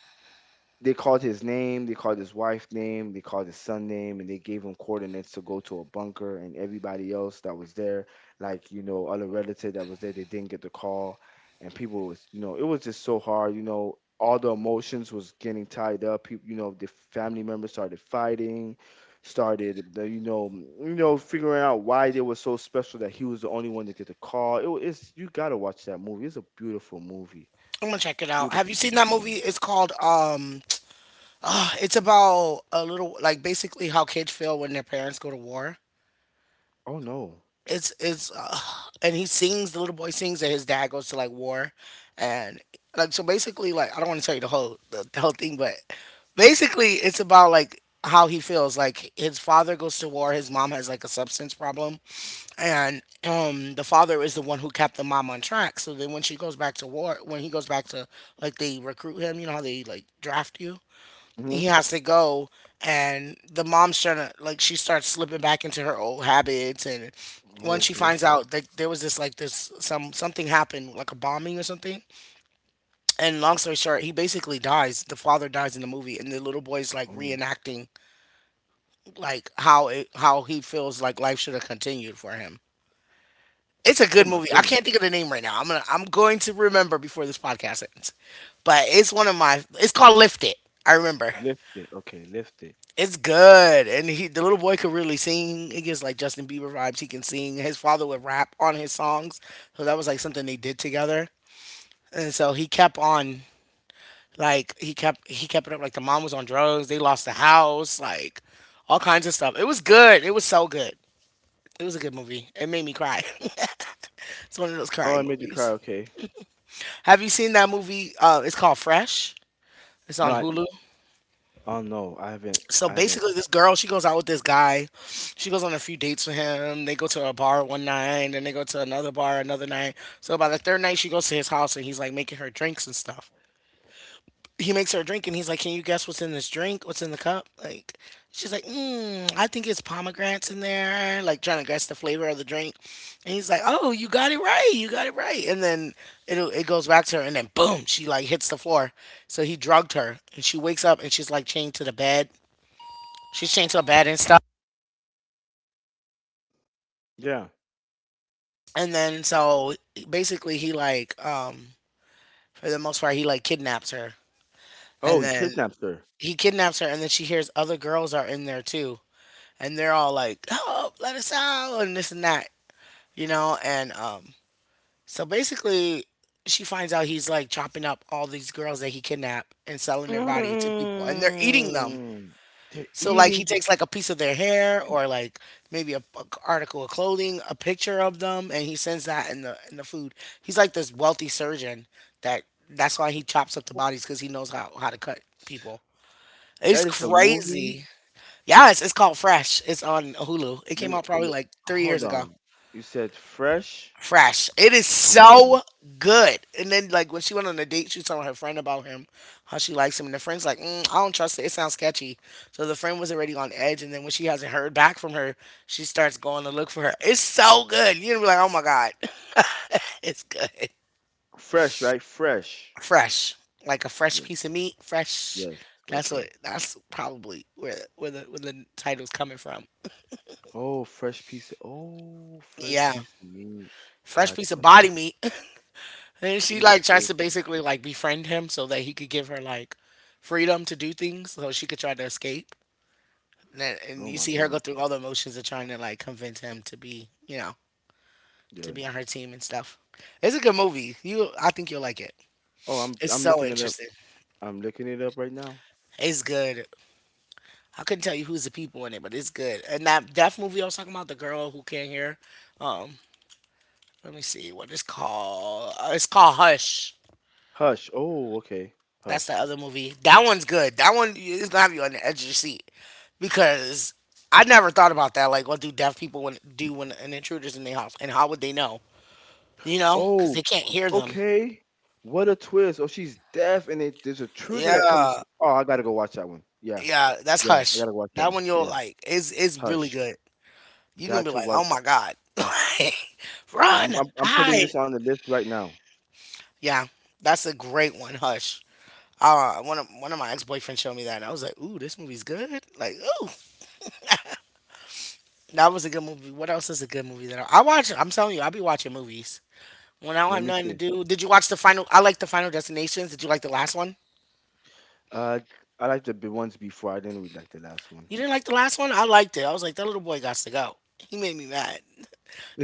Speaker 2: they called his name, they called his wife's name, they called his son name, and they gave him coordinates to go to a bunker. And everybody else that was there, like, you know, other relative that was there, they didn't get the call. And people was, you know, it was just so hard. You know, all the emotions was getting tied up. People, you know, the family members started fighting, started, the- you know, you know, figuring out why they were so special that he was the only one to get the call. It's you gotta watch that movie. It's a beautiful movie,
Speaker 1: I'm gonna check it out. Have you
Speaker 2: beautiful,
Speaker 1: seen that
Speaker 2: beautiful
Speaker 1: movie?
Speaker 2: movie.
Speaker 1: It's called ah, it's about a little like basically how kids feel when their parents go to war.
Speaker 2: Oh no.
Speaker 1: It's and he sings the little boy sings that his dad goes to like war, and like so basically like I don't want to tell you the whole thing, but basically it's about like how he feels like his father goes to war his mom has like a substance problem and the father is the one who kept the mom on track so then when she goes back to war when he goes back to like they recruit him you know how they like draft you he has to go and the mom's trying to like she starts slipping back into her old habits and when
Speaker 2: Oh,
Speaker 1: she
Speaker 2: okay.
Speaker 1: finds out that there was this like this some something happened like a bombing or something and long story short he basically dies the father dies in the movie and the little boy's like
Speaker 2: Oh.
Speaker 1: reenacting like how he feels like life should have continued for him. It's a
Speaker 2: Oh
Speaker 1: good
Speaker 2: my
Speaker 1: movie. I
Speaker 2: goodness.
Speaker 1: can't think of the name right now. I'm going to remember before this podcast ends. But it's one of my it's called Lift It. I remember.
Speaker 2: Lift it. Okay, lift it.
Speaker 1: It's good. And he the little boy could really sing. It gets like Justin Bieber vibes. He can sing. His father would rap on his songs. So that was like something they did together. And so he kept on, like, he kept it up. Like, the mom was on drugs. They lost the house, like, all kinds of stuff. It was good. It was so good. It was a good movie. It made me cry. It's one of those
Speaker 2: Oh, I
Speaker 1: crying
Speaker 2: made you cry.
Speaker 1: movies.
Speaker 2: Okay.
Speaker 1: Have you seen that movie? It's called Fresh. It's
Speaker 2: No,
Speaker 1: on
Speaker 2: I.
Speaker 1: Hulu.
Speaker 2: Oh no, I haven't.
Speaker 1: So
Speaker 2: I haven't.
Speaker 1: basically, this girl, she goes out with this guy. She goes on a few dates with him. They go to a bar one night, and they go to another bar another night. So by the third night, she goes to his house, and he's like making her drinks and stuff. He makes her a drink and he's like, "Can you guess what's in this drink? What's in the cup?" Like, she's like, mm, I think it's pomegranates in there, like trying to guess the flavor of the drink. And he's like, "Oh, you got it right. You got it right." And then it goes back to her and then boom, she like hits the floor. So he drugged her and she wakes up and she's like chained to the bed. She's chained to the bed and stuff.
Speaker 2: Yeah.
Speaker 1: And then so basically he like, for the most part, he like kidnaps her.
Speaker 2: Oh,
Speaker 1: And
Speaker 2: he
Speaker 1: then
Speaker 2: kidnaps her.
Speaker 1: he kidnaps her and then she hears other girls are in there too. And they're all like, "Oh, let us out," and this and that, And so basically, she finds out he's like chopping up all these girls that he kidnapped and selling their body to people, and they're eating them.
Speaker 2: Mm. They're
Speaker 1: So like he
Speaker 2: eating.
Speaker 1: takes like a piece of their hair, or like maybe a article of clothing, a picture of them, and he sends that in the food. He's like this wealthy surgeon that that's why he chops up the
Speaker 2: What?
Speaker 1: bodies because he knows how to cut people. It's
Speaker 2: That is a movie.
Speaker 1: crazy. Yes, it's called Fresh. It's on Hulu. It
Speaker 2: Let
Speaker 1: came
Speaker 2: me.
Speaker 1: out probably
Speaker 2: le-
Speaker 1: like 3 years
Speaker 2: Hold
Speaker 1: ago.
Speaker 2: on. You said fresh
Speaker 1: Fresh. It is
Speaker 2: on
Speaker 1: so
Speaker 2: Hulu.
Speaker 1: good. And then like when she went on a date, she was telling her friend about him, how she likes him, and the friend's like, mm, I don't trust it. It sounds sketchy. So the friend was already on edge, and then when she hasn't heard back from her, she starts going to look for her. It's so good. You're gonna be like, oh my god, it's good.
Speaker 2: Fresh, right? Fresh.
Speaker 1: Fresh, like a fresh
Speaker 2: Yeah.
Speaker 1: piece of meat. Fresh.
Speaker 2: Yes.
Speaker 1: That's what.
Speaker 2: Okay.
Speaker 1: That's probably where the title's coming from.
Speaker 2: Oh, fresh piece. Oh, fresh
Speaker 1: Yeah.
Speaker 2: piece of meat.
Speaker 1: Fresh piece of
Speaker 2: Gotcha.
Speaker 1: body meat. And she like
Speaker 2: Goodness
Speaker 1: tries to
Speaker 2: gracious.
Speaker 1: basically like befriend him so that he could give her like freedom to do things so she could try to escape. And then, and
Speaker 2: Oh
Speaker 1: you
Speaker 2: my
Speaker 1: see her go
Speaker 2: goodness.
Speaker 1: through all the emotions of trying to like convince him to be, you know, to
Speaker 2: Good.
Speaker 1: be on her team and stuff. It's a good movie. You, I think you'll like it.
Speaker 2: Oh, I'm
Speaker 1: It's so
Speaker 2: looking it up.
Speaker 1: interesting.
Speaker 2: I'm looking it up right now.
Speaker 1: It's good. I couldn't tell you who's the people in it, but it's good. And that deaf movie I was talking about, the girl who can't hear. Um, Let me see what it's called. It's called Hush.
Speaker 2: Hush. Oh, okay.
Speaker 1: That's the
Speaker 2: Hush.
Speaker 1: other movie. That one's good. That one is gonna have you on the edge of your seat because I never thought about that. Like, what do deaf people when, do when an intruder's in their house, and how would they know? You know, because
Speaker 2: Oh,
Speaker 1: they can't hear them.
Speaker 2: okay. What a twist. Oh, she's deaf and it there's a truth that comes.
Speaker 1: Yeah,
Speaker 2: Oh, I gotta go watch that one. Yeah.
Speaker 1: yeah. That's
Speaker 2: Yeah, I
Speaker 1: Hush.
Speaker 2: gotta watch that
Speaker 1: That
Speaker 2: one.
Speaker 1: one you'll
Speaker 2: Yeah.
Speaker 1: like. Is really
Speaker 2: Hush.
Speaker 1: good. You gonna
Speaker 2: Got
Speaker 1: be
Speaker 2: to
Speaker 1: like,
Speaker 2: watch.
Speaker 1: oh my god, like
Speaker 2: Yeah,
Speaker 1: run,
Speaker 2: I'm putting
Speaker 1: hide.
Speaker 2: this on the list right now.
Speaker 1: Yeah, that's a great one. Hush. One of my ex boyfriends showed me that, and I was like, "Ooh, this movie's good." Like, ooh. That was a good movie. What else is a good movie that I watch? I'm telling you, I'll be watching movies when I don't
Speaker 2: Let
Speaker 1: have
Speaker 2: me
Speaker 1: nothing to
Speaker 2: see.
Speaker 1: do. Did you watch the final? I like the Final Destinations. Did you like the last one?
Speaker 2: Uh I liked ones before. I didn't really like the last one.
Speaker 1: You didn't like the last one? I liked it. I was like, that little boy got to go. He made me mad.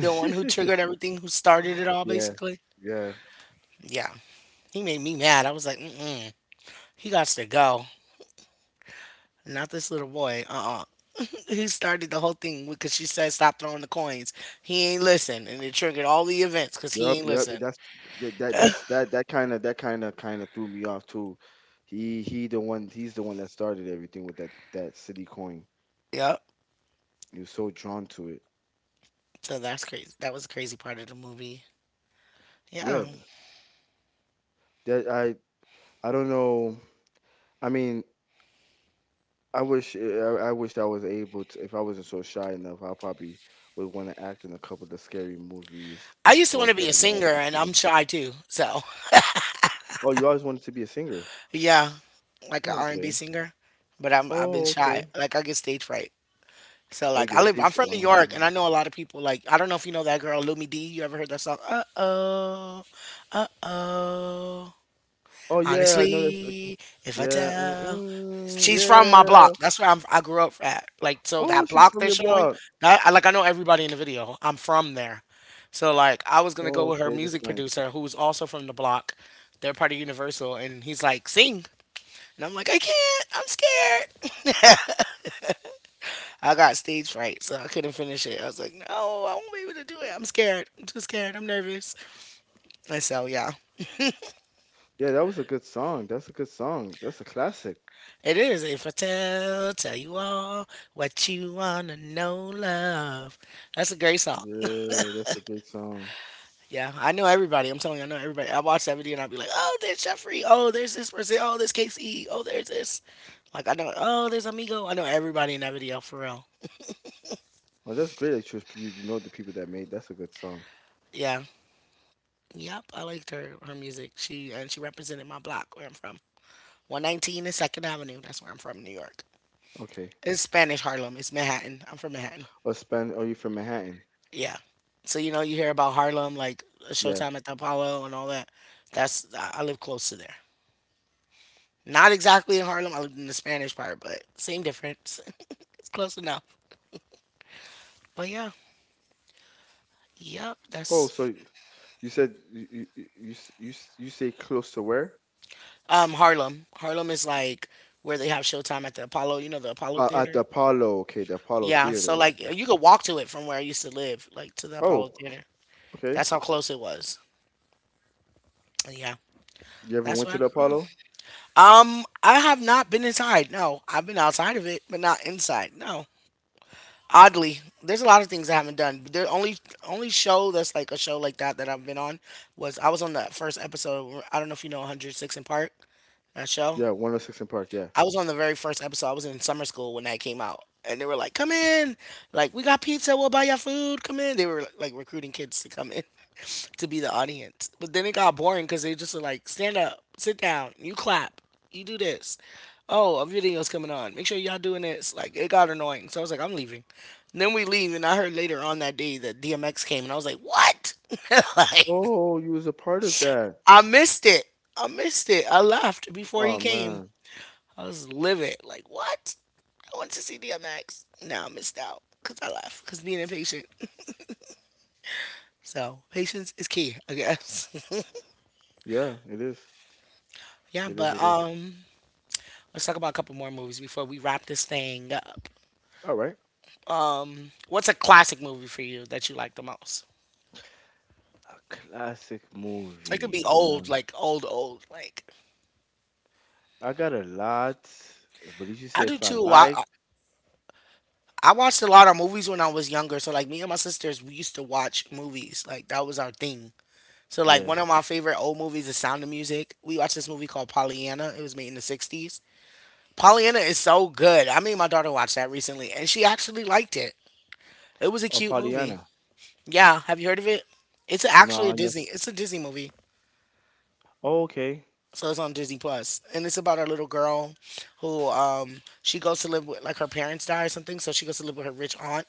Speaker 1: The one who triggered everything, who started it all,
Speaker 2: Yeah.
Speaker 1: basically.
Speaker 2: Yeah.
Speaker 1: Yeah, he made me mad. I was like, mm-mm. He got to go. Not this little boy. Uh-uh. He started the whole thing because she said, stop throwing the coins. He ain't listen. And it triggered all the events because he ain't
Speaker 2: Yep.
Speaker 1: listen.
Speaker 2: That's that's that that kind of threw me off too. He's the one that started everything with that city coin.
Speaker 1: Yep.
Speaker 2: He was so drawn to it.
Speaker 1: So that's crazy. That was a crazy part of the movie. Yeah.
Speaker 2: Yeah, th- that I don't know. I mean, I wish I was able to. If I wasn't so shy enough, I probably would want to act in a couple of the scary movies
Speaker 1: I used to want
Speaker 2: or
Speaker 1: to be a
Speaker 2: kept the
Speaker 1: singer
Speaker 2: acting
Speaker 1: and
Speaker 2: for
Speaker 1: I'm
Speaker 2: them.
Speaker 1: shy too. So,
Speaker 2: Oh, you always wanted to be a singer.
Speaker 1: yeah, like an
Speaker 2: Oh,
Speaker 1: R&B
Speaker 2: okay.
Speaker 1: singer, but I've been
Speaker 2: Oh,
Speaker 1: shy.
Speaker 2: okay.
Speaker 1: Like I get stage fright. So
Speaker 2: Oh, you
Speaker 1: like
Speaker 2: get
Speaker 1: I'm
Speaker 2: stage.
Speaker 1: from New York and I know a lot of people. Like, I don't know if you know that girl Lumi D. You ever heard that song? Uh-oh. Uh-oh.
Speaker 2: Oh yeah, I know that section.
Speaker 1: Honestly, if I tell, she's from my
Speaker 2: Yeah.
Speaker 1: block. That's I grew up at. Like, so
Speaker 2: Oh,
Speaker 1: that
Speaker 2: she's
Speaker 1: block
Speaker 2: from
Speaker 1: they're
Speaker 2: your
Speaker 1: showing,
Speaker 2: block.
Speaker 1: that, I, like, I know everybody in the video. I'm from there. So, like, I was going to go
Speaker 2: Oh,
Speaker 1: with her
Speaker 2: okay, that's
Speaker 1: music
Speaker 2: nice.
Speaker 1: producer, who's also from the block. They're part of Universal. And he's like, sing. And I'm like, I can't. I'm scared. I got stage fright, so I couldn't finish it. I was like, no, I won't be able to do it. I'm scared. I'm too scared. I'm nervous. And so, yeah.
Speaker 2: Yeah, that was a good song. That's a good song. That's a classic.
Speaker 1: It is. If I tell, tell you all what you want to know, love. That's a great song.
Speaker 2: Yeah, that's a great song.
Speaker 1: Yeah, I know everybody. I'm telling you, I know everybody. I watch that video and I'll be like, oh, there's Jeffrey. Oh, there's this person. Oh, there's KC. Oh, there's this. Like, I know, oh, there's Amigo. I know everybody in that video for real.
Speaker 2: Oh, that's great that you you know the people that made. That's a good song.
Speaker 1: Yeah. Yep, I liked her music. She, and she represented my block where I'm from. 119 and 2nd Avenue. That's where I'm from, in New York.
Speaker 2: Okay.
Speaker 1: It's Spanish Harlem. It's Manhattan. I'm from Manhattan.
Speaker 2: Or Span. Oh, you from Manhattan?
Speaker 1: Yeah. So you know you hear about Harlem like,
Speaker 2: Yeah.
Speaker 1: Showtime at the Apollo and all that. That's, I live close to there. Not exactly in Harlem. I lived in the Spanish part, but same difference. Close enough. But yeah, yep,
Speaker 2: Oh,
Speaker 1: that's,
Speaker 2: so you said you say close to where?
Speaker 1: Harlem. Harlem is like where they have Showtime at the Apollo, you know, the Apollo
Speaker 2: At the
Speaker 1: Theater.
Speaker 2: Apollo. Okay, the Apollo
Speaker 1: Yeah, so
Speaker 2: Theater.
Speaker 1: like
Speaker 2: Okay.
Speaker 1: you could walk to it from where I used to live, like to the Apollo
Speaker 2: Oh,
Speaker 1: Theater.
Speaker 2: okay.
Speaker 1: That's how close it was. Yeah,
Speaker 2: You ever
Speaker 1: that's
Speaker 2: went
Speaker 1: where
Speaker 2: to
Speaker 1: I
Speaker 2: the
Speaker 1: grew up.
Speaker 2: Apollo?
Speaker 1: I have not been inside. No, I've been outside of it, but not inside. No. Oddly, there's a lot of things I haven't done. The only show that's like a show like that that I've been on was I was on the first episode. Of, I don't know if you know 106 in Park, that show.
Speaker 2: Yeah, 106 in Park. Yeah.
Speaker 1: I was on the very first episode. I was in summer school when that came out, and they were like, "Come in, like we got pizza. We'll buy your food. Come in." They were like recruiting kids to come in to be the audience, but then it got boring because they just were like, "Stand up, sit down, you clap, you do this. Oh, a video's coming on. Make sure y'all doing this." Like it got annoying, so I was like, "I'm leaving." And then we leave, and I heard later on that day that DMX came, and I was like, "What?" Like,
Speaker 2: Oh, you was a part of that.
Speaker 1: I missed it. I missed it. I left before he
Speaker 2: Oh
Speaker 1: came.
Speaker 2: man.
Speaker 1: I was livid. Like, what? I went to see DMX. Now I missed out because I left because being impatient. So patience is key, I guess.
Speaker 2: Yeah, it is.
Speaker 1: Yeah,
Speaker 2: It is,
Speaker 1: but
Speaker 2: it is.
Speaker 1: let's talk about a couple more movies before we wrap this thing up.
Speaker 2: All right.
Speaker 1: What's a classic movie for you that you like the most?
Speaker 2: A classic
Speaker 1: It could be
Speaker 2: movie. Now,
Speaker 1: old, like old, old. Like,
Speaker 2: I got a lot, but did you
Speaker 1: I
Speaker 2: say
Speaker 1: do
Speaker 2: if I
Speaker 1: too. I
Speaker 2: like?
Speaker 1: I I watched a lot of movies when I was younger. So like me and my sisters, we used to watch movies. Like that was our thing. So like
Speaker 2: Yeah.
Speaker 1: one of my favorite old movies is Sound of Music. We watched this movie called Pollyanna. It was made in the '60s. Pollyanna is so good. I made my daughter watch that recently, and she actually liked it. It was a
Speaker 2: Oh,
Speaker 1: cute movie.
Speaker 2: Pollyanna.
Speaker 1: Yeah, have you heard of it? It's actually a
Speaker 2: No, no.
Speaker 1: Disney. It's a Disney movie,
Speaker 2: Oh, okay.
Speaker 1: so it's on Disney Plus, and it's about a little girl who she goes to live with, like, her parents die or something, so she goes to live with her rich aunt,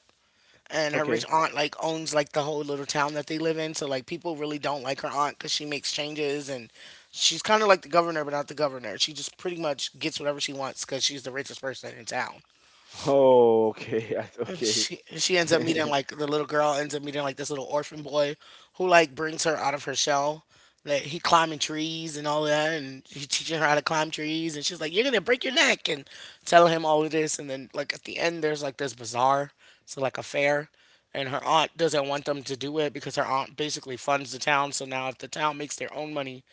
Speaker 1: and her rich
Speaker 2: Okay.
Speaker 1: aunt like owns like the whole little town that they live in, so like people really don't like her aunt because she makes changes. And she's kind of like the governor, but not the governor. She just pretty much gets whatever she wants because she's the richest person in town.
Speaker 2: Oh, okay. I-
Speaker 1: And
Speaker 2: okay.
Speaker 1: she ends up meeting, like, the little girl ends up meeting like this little orphan boy who like brings her out of her shell. That he climbing trees and all that, and he's teaching her how to climb trees. And she's like, "You're gonna break your neck," and telling him all of this. And then like at the end, there's like this bazaar, so like a fair, and her aunt doesn't want them to do it because her aunt basically funds the town. So now if the town makes their own money,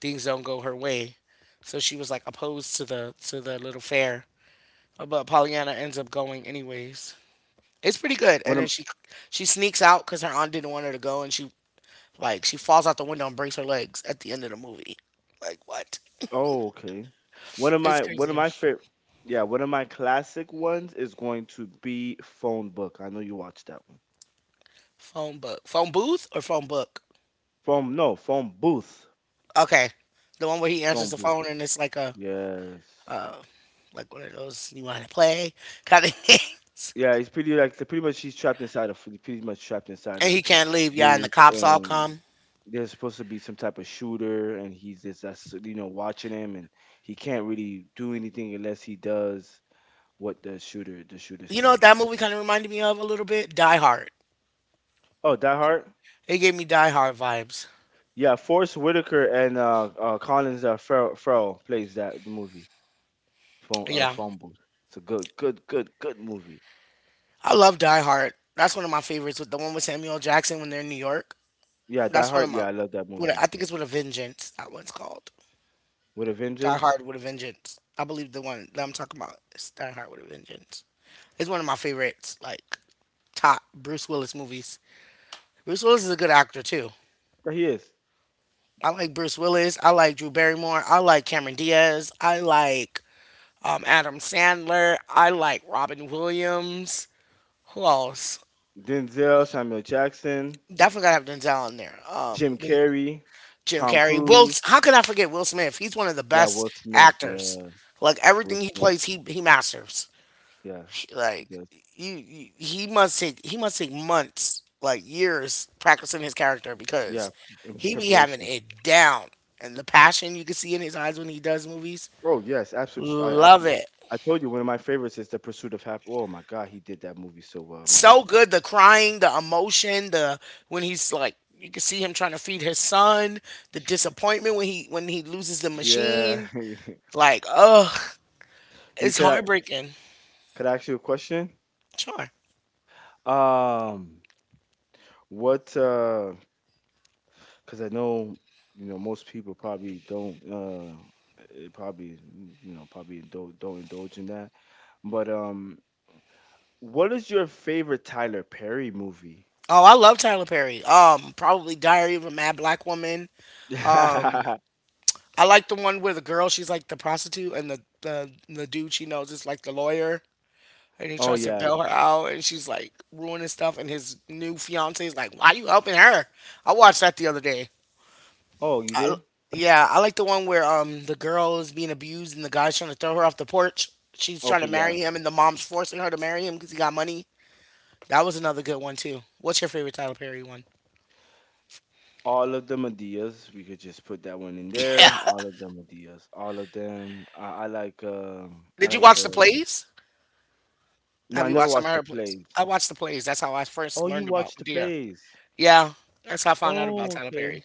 Speaker 1: things don't go her way. So she was like opposed to the little fair, but Pollyanna ends up going anyways. It's pretty good.
Speaker 2: One
Speaker 1: And then
Speaker 2: of
Speaker 1: she sneaks out because her aunt didn't want her to go, and she like she falls out the window and breaks her legs at the end of the movie. Like, what?
Speaker 2: oh, okay.
Speaker 1: It's
Speaker 2: One of
Speaker 1: crazy.
Speaker 2: my favorite, yeah, one of my classic ones is going to be Phone Book. I know you watched that one.
Speaker 1: Phone book, phone booth, or phone book?
Speaker 2: Phone no, Phone Booth.
Speaker 1: Okay, the one where he answers
Speaker 2: Phone
Speaker 1: the
Speaker 2: Booth.
Speaker 1: phone and it's like a,
Speaker 2: Yes.
Speaker 1: like, one of those you want to play kind of things,
Speaker 2: Yeah, it's pretty like pretty much trapped inside
Speaker 1: and
Speaker 2: a
Speaker 1: he can't leave. Yeah, and the
Speaker 2: booth,
Speaker 1: cops all
Speaker 2: and
Speaker 1: come.
Speaker 2: there's supposed to be some type of shooter, and he's just that's, you know, watching him, and he can't really do anything unless he does what the shooter
Speaker 1: You know what
Speaker 2: say.
Speaker 1: that movie kind of reminded me of a little bit? Die Hard.
Speaker 2: Oh, Die Hard.
Speaker 1: It gave me Die Hard vibes.
Speaker 2: Yeah, Forrest Whitaker and Collins, Farrell plays that the movie
Speaker 1: Yeah,
Speaker 2: phone booth. It's a good movie.
Speaker 1: I love Die Hard. That's one of my favorites, with the one with Samuel Jackson when they're in New York.
Speaker 2: Yeah, Die
Speaker 1: That's one of
Speaker 2: Hard.
Speaker 1: my.
Speaker 2: Yeah, I love that
Speaker 1: What, I
Speaker 2: movie
Speaker 1: think it's with a vengeance. That one's called
Speaker 2: with a
Speaker 1: Die
Speaker 2: vengeance.
Speaker 1: Hard with a Vengeance. I believe the one that I'm talking about is Die Hard with a Vengeance. It's one of my favorites, like top Bruce Willis movies. Bruce Willis is a good actor too.
Speaker 2: Yeah, he is.
Speaker 1: I like Bruce Willis. I like Drew Barrymore. I like Cameron Diaz. I like Adam Sandler. I like Robin Williams. Who else?
Speaker 2: Denzel, Samuel Jackson,
Speaker 1: Definitely gotta have Denzel in there.
Speaker 2: Jim
Speaker 1: Den.
Speaker 2: Carrey,
Speaker 1: Jim
Speaker 2: Tom
Speaker 1: Carrey. Will,
Speaker 2: Cruise.
Speaker 1: how could I forget Will Smith? He's one of the
Speaker 2: Yeah,
Speaker 1: best
Speaker 2: Will Smith.
Speaker 1: actors.
Speaker 2: Yeah,
Speaker 1: Like
Speaker 2: Will
Speaker 1: everything he
Speaker 2: Smith.
Speaker 1: plays, he masters.
Speaker 2: Yeah, he
Speaker 1: Like
Speaker 2: does.
Speaker 1: you he must take months, like years, practicing his character
Speaker 2: Yeah,
Speaker 1: because
Speaker 2: in
Speaker 1: he be having
Speaker 2: preparation.
Speaker 1: it down. And the passion you can see in his eyes when he does movies,
Speaker 2: Oh yes, absolutely. I
Speaker 1: love
Speaker 2: absolutely.
Speaker 1: it.
Speaker 2: I told you one of my favorites is The Pursuit of Happiness. Oh my God, he did that movie so well, man.
Speaker 1: So good, the crying, the emotion, the, when he's like you can see him trying to feed his son, the disappointment when he loses the
Speaker 2: Yeah.
Speaker 1: machine. Like, ugh.
Speaker 2: you
Speaker 1: It's heartbreaking.
Speaker 2: could I ask you a question?
Speaker 1: Sure.
Speaker 2: Um, what because I know you know most people probably don't it probably, you know, probably don't indulge in that. But what is your favorite Tyler Perry movie?
Speaker 1: Oh, I love Tyler Perry. Probably Diary of a Mad Black Woman. Um, I like the one where the girl, she's like the prostitute, and the dude she knows is like the lawyer, and he
Speaker 2: oh
Speaker 1: tries to
Speaker 2: yeah.
Speaker 1: bail her out and she's like ruining stuff and his new fiance is like, why you helping her? I watched that the other day.
Speaker 2: Oh, you
Speaker 1: I,
Speaker 2: did?
Speaker 1: yeah, I like the one where the girl is being abused and the guy's trying to throw her off the porch. She's trying to
Speaker 2: Okay, yeah.
Speaker 1: marry him and the mom's forcing her to marry him because he got money. That was another good one too. What's your favorite Tyler Perry one?
Speaker 2: All of the Medias. We could just put that one in there. All of the Medias. All of them. I
Speaker 1: Did you
Speaker 2: like
Speaker 1: watch the
Speaker 2: the.
Speaker 1: plays?
Speaker 2: No,
Speaker 1: Have
Speaker 2: I
Speaker 1: you
Speaker 2: never
Speaker 1: watched some of
Speaker 2: watched the
Speaker 1: her plays?
Speaker 2: plays.
Speaker 1: I watched the plays. That's how I first
Speaker 2: Oh, you
Speaker 1: learned about
Speaker 2: watched the
Speaker 1: Medea.
Speaker 2: plays.
Speaker 1: Yeah, that's how I found out about
Speaker 2: Oh,
Speaker 1: Tyler Perry
Speaker 2: okay.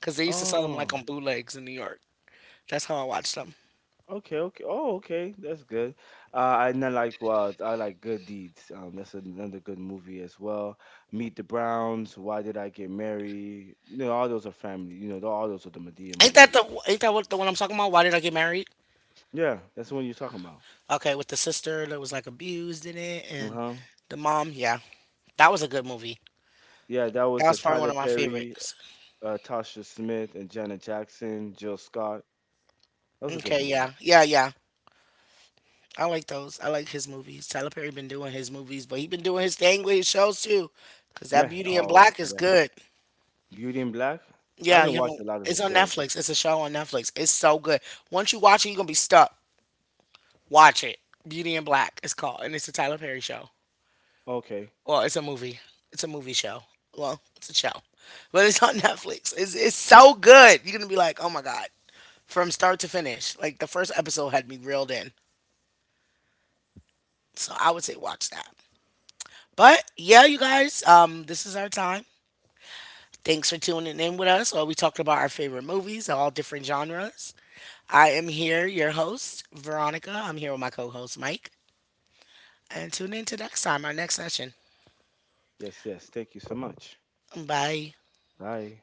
Speaker 1: because they used to sell them like
Speaker 2: Oh.
Speaker 1: on bootlegs in New York. That's how I watched them.
Speaker 2: Okay, okay. Oh, okay. That's good. And I like well, I like Good Deeds. That's another good movie as well. Meet the Browns. Why Did I Get Married? You know, all those are family. You know, all those are the Medea
Speaker 1: Ain't that
Speaker 2: movies.
Speaker 1: the ain't that what, the one I'm talking about? Why Did I Get Married?
Speaker 2: Yeah, that's the one you're talking about.
Speaker 1: Okay, with the sister that was like abused in it,
Speaker 2: Uh
Speaker 1: and
Speaker 2: huh.
Speaker 1: the mom. Yeah, that was a good movie.
Speaker 2: Yeah, that
Speaker 1: That
Speaker 2: was
Speaker 1: was probably one
Speaker 2: Tyler
Speaker 1: of my
Speaker 2: Perry,
Speaker 1: favorites.
Speaker 2: Tasha Smith, and Janet Jackson, Jill Scott. That was a good
Speaker 1: Okay,
Speaker 2: movie.
Speaker 1: yeah, yeah, yeah. I like those. I like his movies. Tyler Perry been doing his movies, but he been doing his thing with his shows too. Cause that
Speaker 2: Yeah.
Speaker 1: Beauty in
Speaker 2: Oh,
Speaker 1: Black is
Speaker 2: yeah.
Speaker 1: good.
Speaker 2: Beauty in Black. I
Speaker 1: Yeah, you
Speaker 2: haven't
Speaker 1: haven't.
Speaker 2: watched a lot of the
Speaker 1: It's on
Speaker 2: shows.
Speaker 1: Netflix. It's a show on Netflix. It's so good. Once you watch it, you're gonna be stuck. Watch it. Beauty in Black it's called, and it's a Tyler Perry show.
Speaker 2: Okay.
Speaker 1: Well, it's a movie. It's a movie show. Well, it's a show, but it's on Netflix. It's so good. You're gonna be like, oh my god, from start to finish. Like the first episode had me reeled in. So I would say watch that. But yeah, you guys, this is our time. Thanks for tuning in with us. Well, we talked about our favorite movies, all different genres. I am here, your host, Veronica. I'm here with my co host, Mike. And tune in to next time, our next session.
Speaker 2: Yes, yes. Thank you so much.
Speaker 1: Bye.
Speaker 2: Bye.